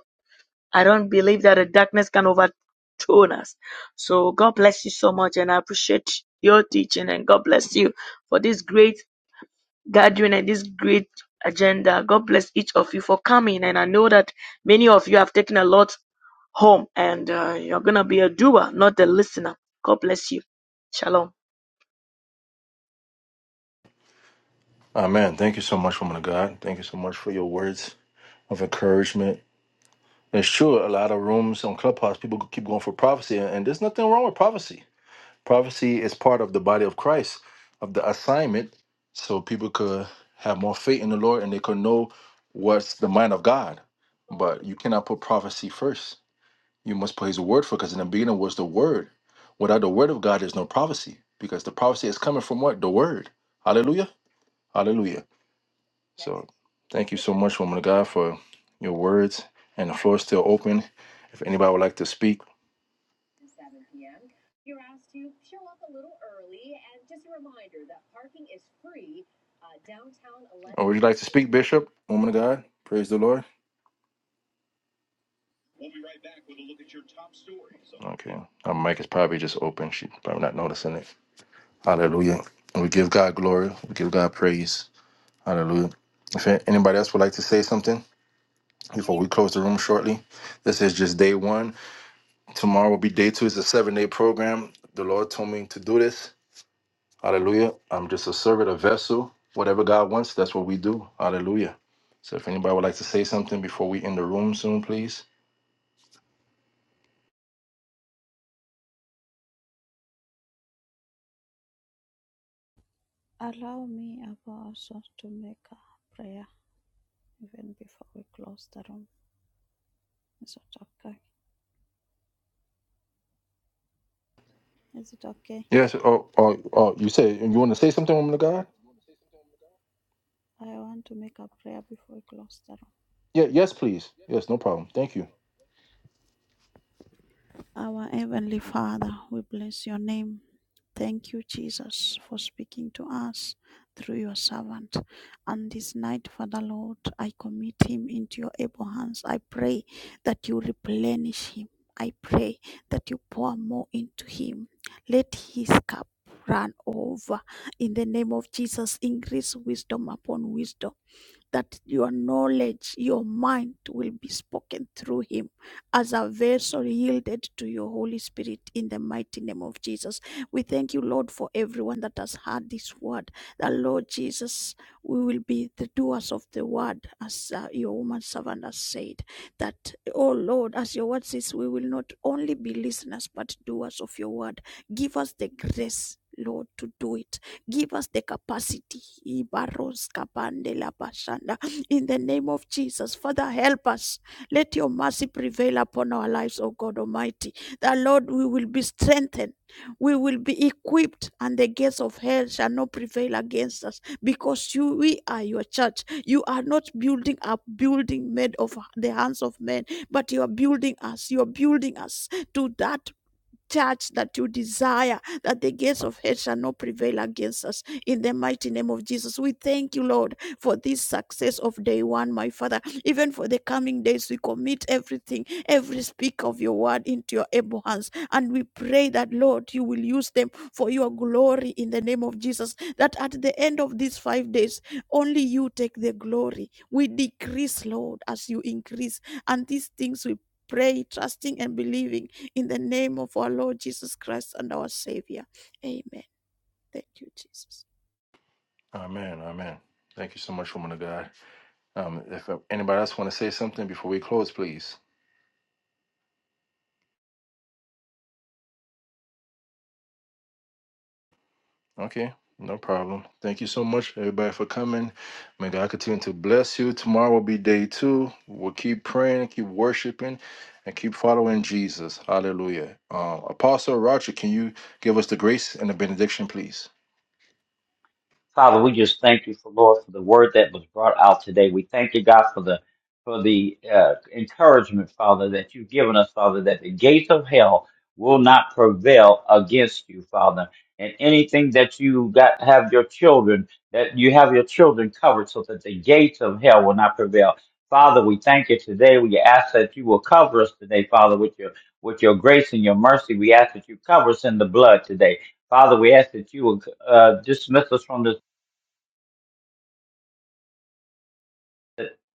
F: I don't believe that the darkness can overturn us. So God bless you so much, and I appreciate your teaching, and God bless you for this great gathering and this great agenda. God bless each of you for coming, and I know that many of you have taken a lot home, and uh, you're gonna be a doer, not a listener. God bless you. Shalom.
B: Amen. Thank you so much, woman of God. Thank you so much for your words of encouragement. It's true, a lot of rooms on Clubhouse, people keep going for prophecy, and there's nothing wrong with prophecy. Prophecy is part of the body of Christ, of the assignment, so people could have more faith in the Lord and they could know what's the mind of God. But you cannot put prophecy first You must put his word for because in the beginning was the word. Without the word of God, there's no prophecy because the prophecy is coming from what? The word. Hallelujah. Hallelujah. So thank you so much, woman of God, for your words. And the floor is still open. If anybody would like to speak, or would you like to speak, Bishop, woman of God? Praise the Lord. Okay. Our mic is probably just open. She's probably not noticing it. Hallelujah. And we give God glory. We give God praise. Hallelujah. If anybody else would like to say something, before we close the room shortly. This is just day one. Tomorrow will be day two. It's a seven day program. The Lord told me to do this. Hallelujah. I'm just a servant, a vessel. Whatever God wants, that's what we do. Hallelujah. So if anybody would like to say something before we end the room soon, please.
C: Allow me, Apostle, to make a prayer even before we close the room. Is that okay? Is it okay?
B: Yes. Oh, oh, oh you say you want to say something, woman of God?
C: I want to make a prayer before we close the room.
B: Yeah, yes, please. Yes, no problem. Thank you.
C: Our Heavenly Father, we bless your name. Thank you, Jesus, for speaking to us through your servant. And this night, Father Lord, I commit him into your able hands. I pray that you replenish him. I pray that you pour more into him. Let his cup run over. In the name of Jesus, increase wisdom upon wisdom that your knowledge, your mind will be spoken through him as a vessel yielded to your Holy Spirit in the mighty name of Jesus. We thank you, Lord, for everyone that has heard this word. The Lord Jesus, we will be the doers of the word, as uh, your woman servant has said. That, oh Lord, as your word says, we will not only be listeners but doers of your word. Give us the grace. Lord, to do it Give us the capacity. Ibaros kapande la bashanda. In the name of Jesus, Father, help us. Let your mercy prevail upon our lives, O God Almighty. That, Lord, we will be strengthened. We will be equipped, and the gates of hell shall not prevail against us because you, we are your church. You are not building a building made of the hands of men, but you are building us. You are building us to that judge, that you desire that the gates of hell shall not prevail against us. In the mighty name of Jesus, we thank you, Lord, for this success of day one, my Father. Even for the coming days, we commit everything, every speak of your word into your able hands. And we pray that, Lord, you will use them for your glory in the name of Jesus. That at the end of these five days, only you take the glory. We decrease, Lord, as you increase. And these things we pray, trusting and believing in the name of our Lord Jesus Christ and our Savior. Amen. Thank you, Jesus.
B: Amen. Amen. Thank you so much, woman of God. Um, if anybody else want to say something before we close, please. Okay, no problem. Thank you so much, everybody, for coming. May God continue to bless you. Tomorrow will be day two. We'll keep praying, keep worshiping, and keep following Jesus. Hallelujah. Um, Apostle Roger, can you give us the grace and the benediction, please?
A: Father, we just thank you for Lord for the word that was brought out today. We thank you, God, for the for the uh, encouragement, Father, that you've given us, Father, that the gates of hell will not prevail against you, Father. And anything that you got have your children, that you have your children covered so that the gates of hell will not prevail. Father, we thank you today. We ask that you will cover us today, Father, with your with your grace and your mercy. We ask that you cover us in the blood today. Father, we ask that you will uh, dismiss us from this.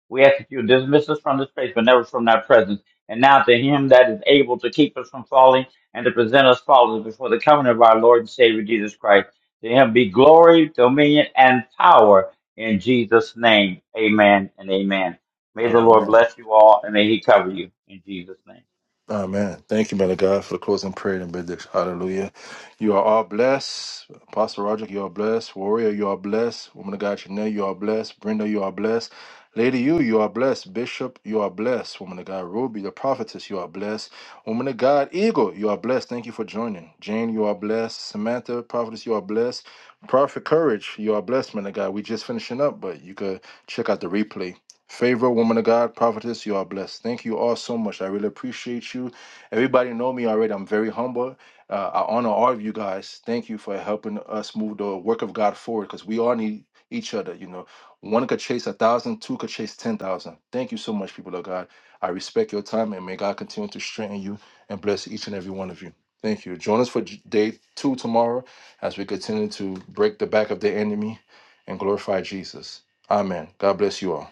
A: We ask that you dismiss us from this place, but never from thy presence. And now to him that is able to keep us from falling and to present us faultless before the coming of our Lord and Savior Jesus Christ. To him be glory, dominion, and power in Jesus' name. Amen and amen. May the Lord
B: Amen.
A: bless you all and may he cover you in Jesus' name.
B: Amen. Thank you, man of God, for the closing prayer and benediction. Hallelujah. You are all blessed. Apostle Roger, you are blessed. Warrior, you are blessed. Woman of God, Janelle, you are blessed. Brenda, you are blessed. Lady, you, you are blessed. Bishop, you are blessed. Woman of God, Ruby, the prophetess, you are blessed. Woman of God, Eagle, you are blessed. Thank you for joining. Jane, you are blessed. Samantha, prophetess, you are blessed. Prophet Courage, you are blessed, man of God. We just finishing up, but you could check out the replay. Favorite woman of God, prophetess, you are blessed. Thank you all so much. I really appreciate you. Everybody know me already. I'm very humble. Uh, I honor all of you guys. Thank you for helping us move the work of God forward because we all need each other. You know, one could chase a thousand, two could chase ten thousand. Thank you so much, people of God. I respect your time and may God continue to strengthen you and bless each and every one of you. Thank you. Join us for j- day two tomorrow as we continue to break the back of the enemy and glorify Jesus. Amen. God bless you all.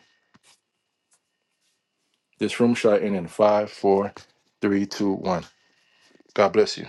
B: This room shall end in five, four, three, two, one. God bless you.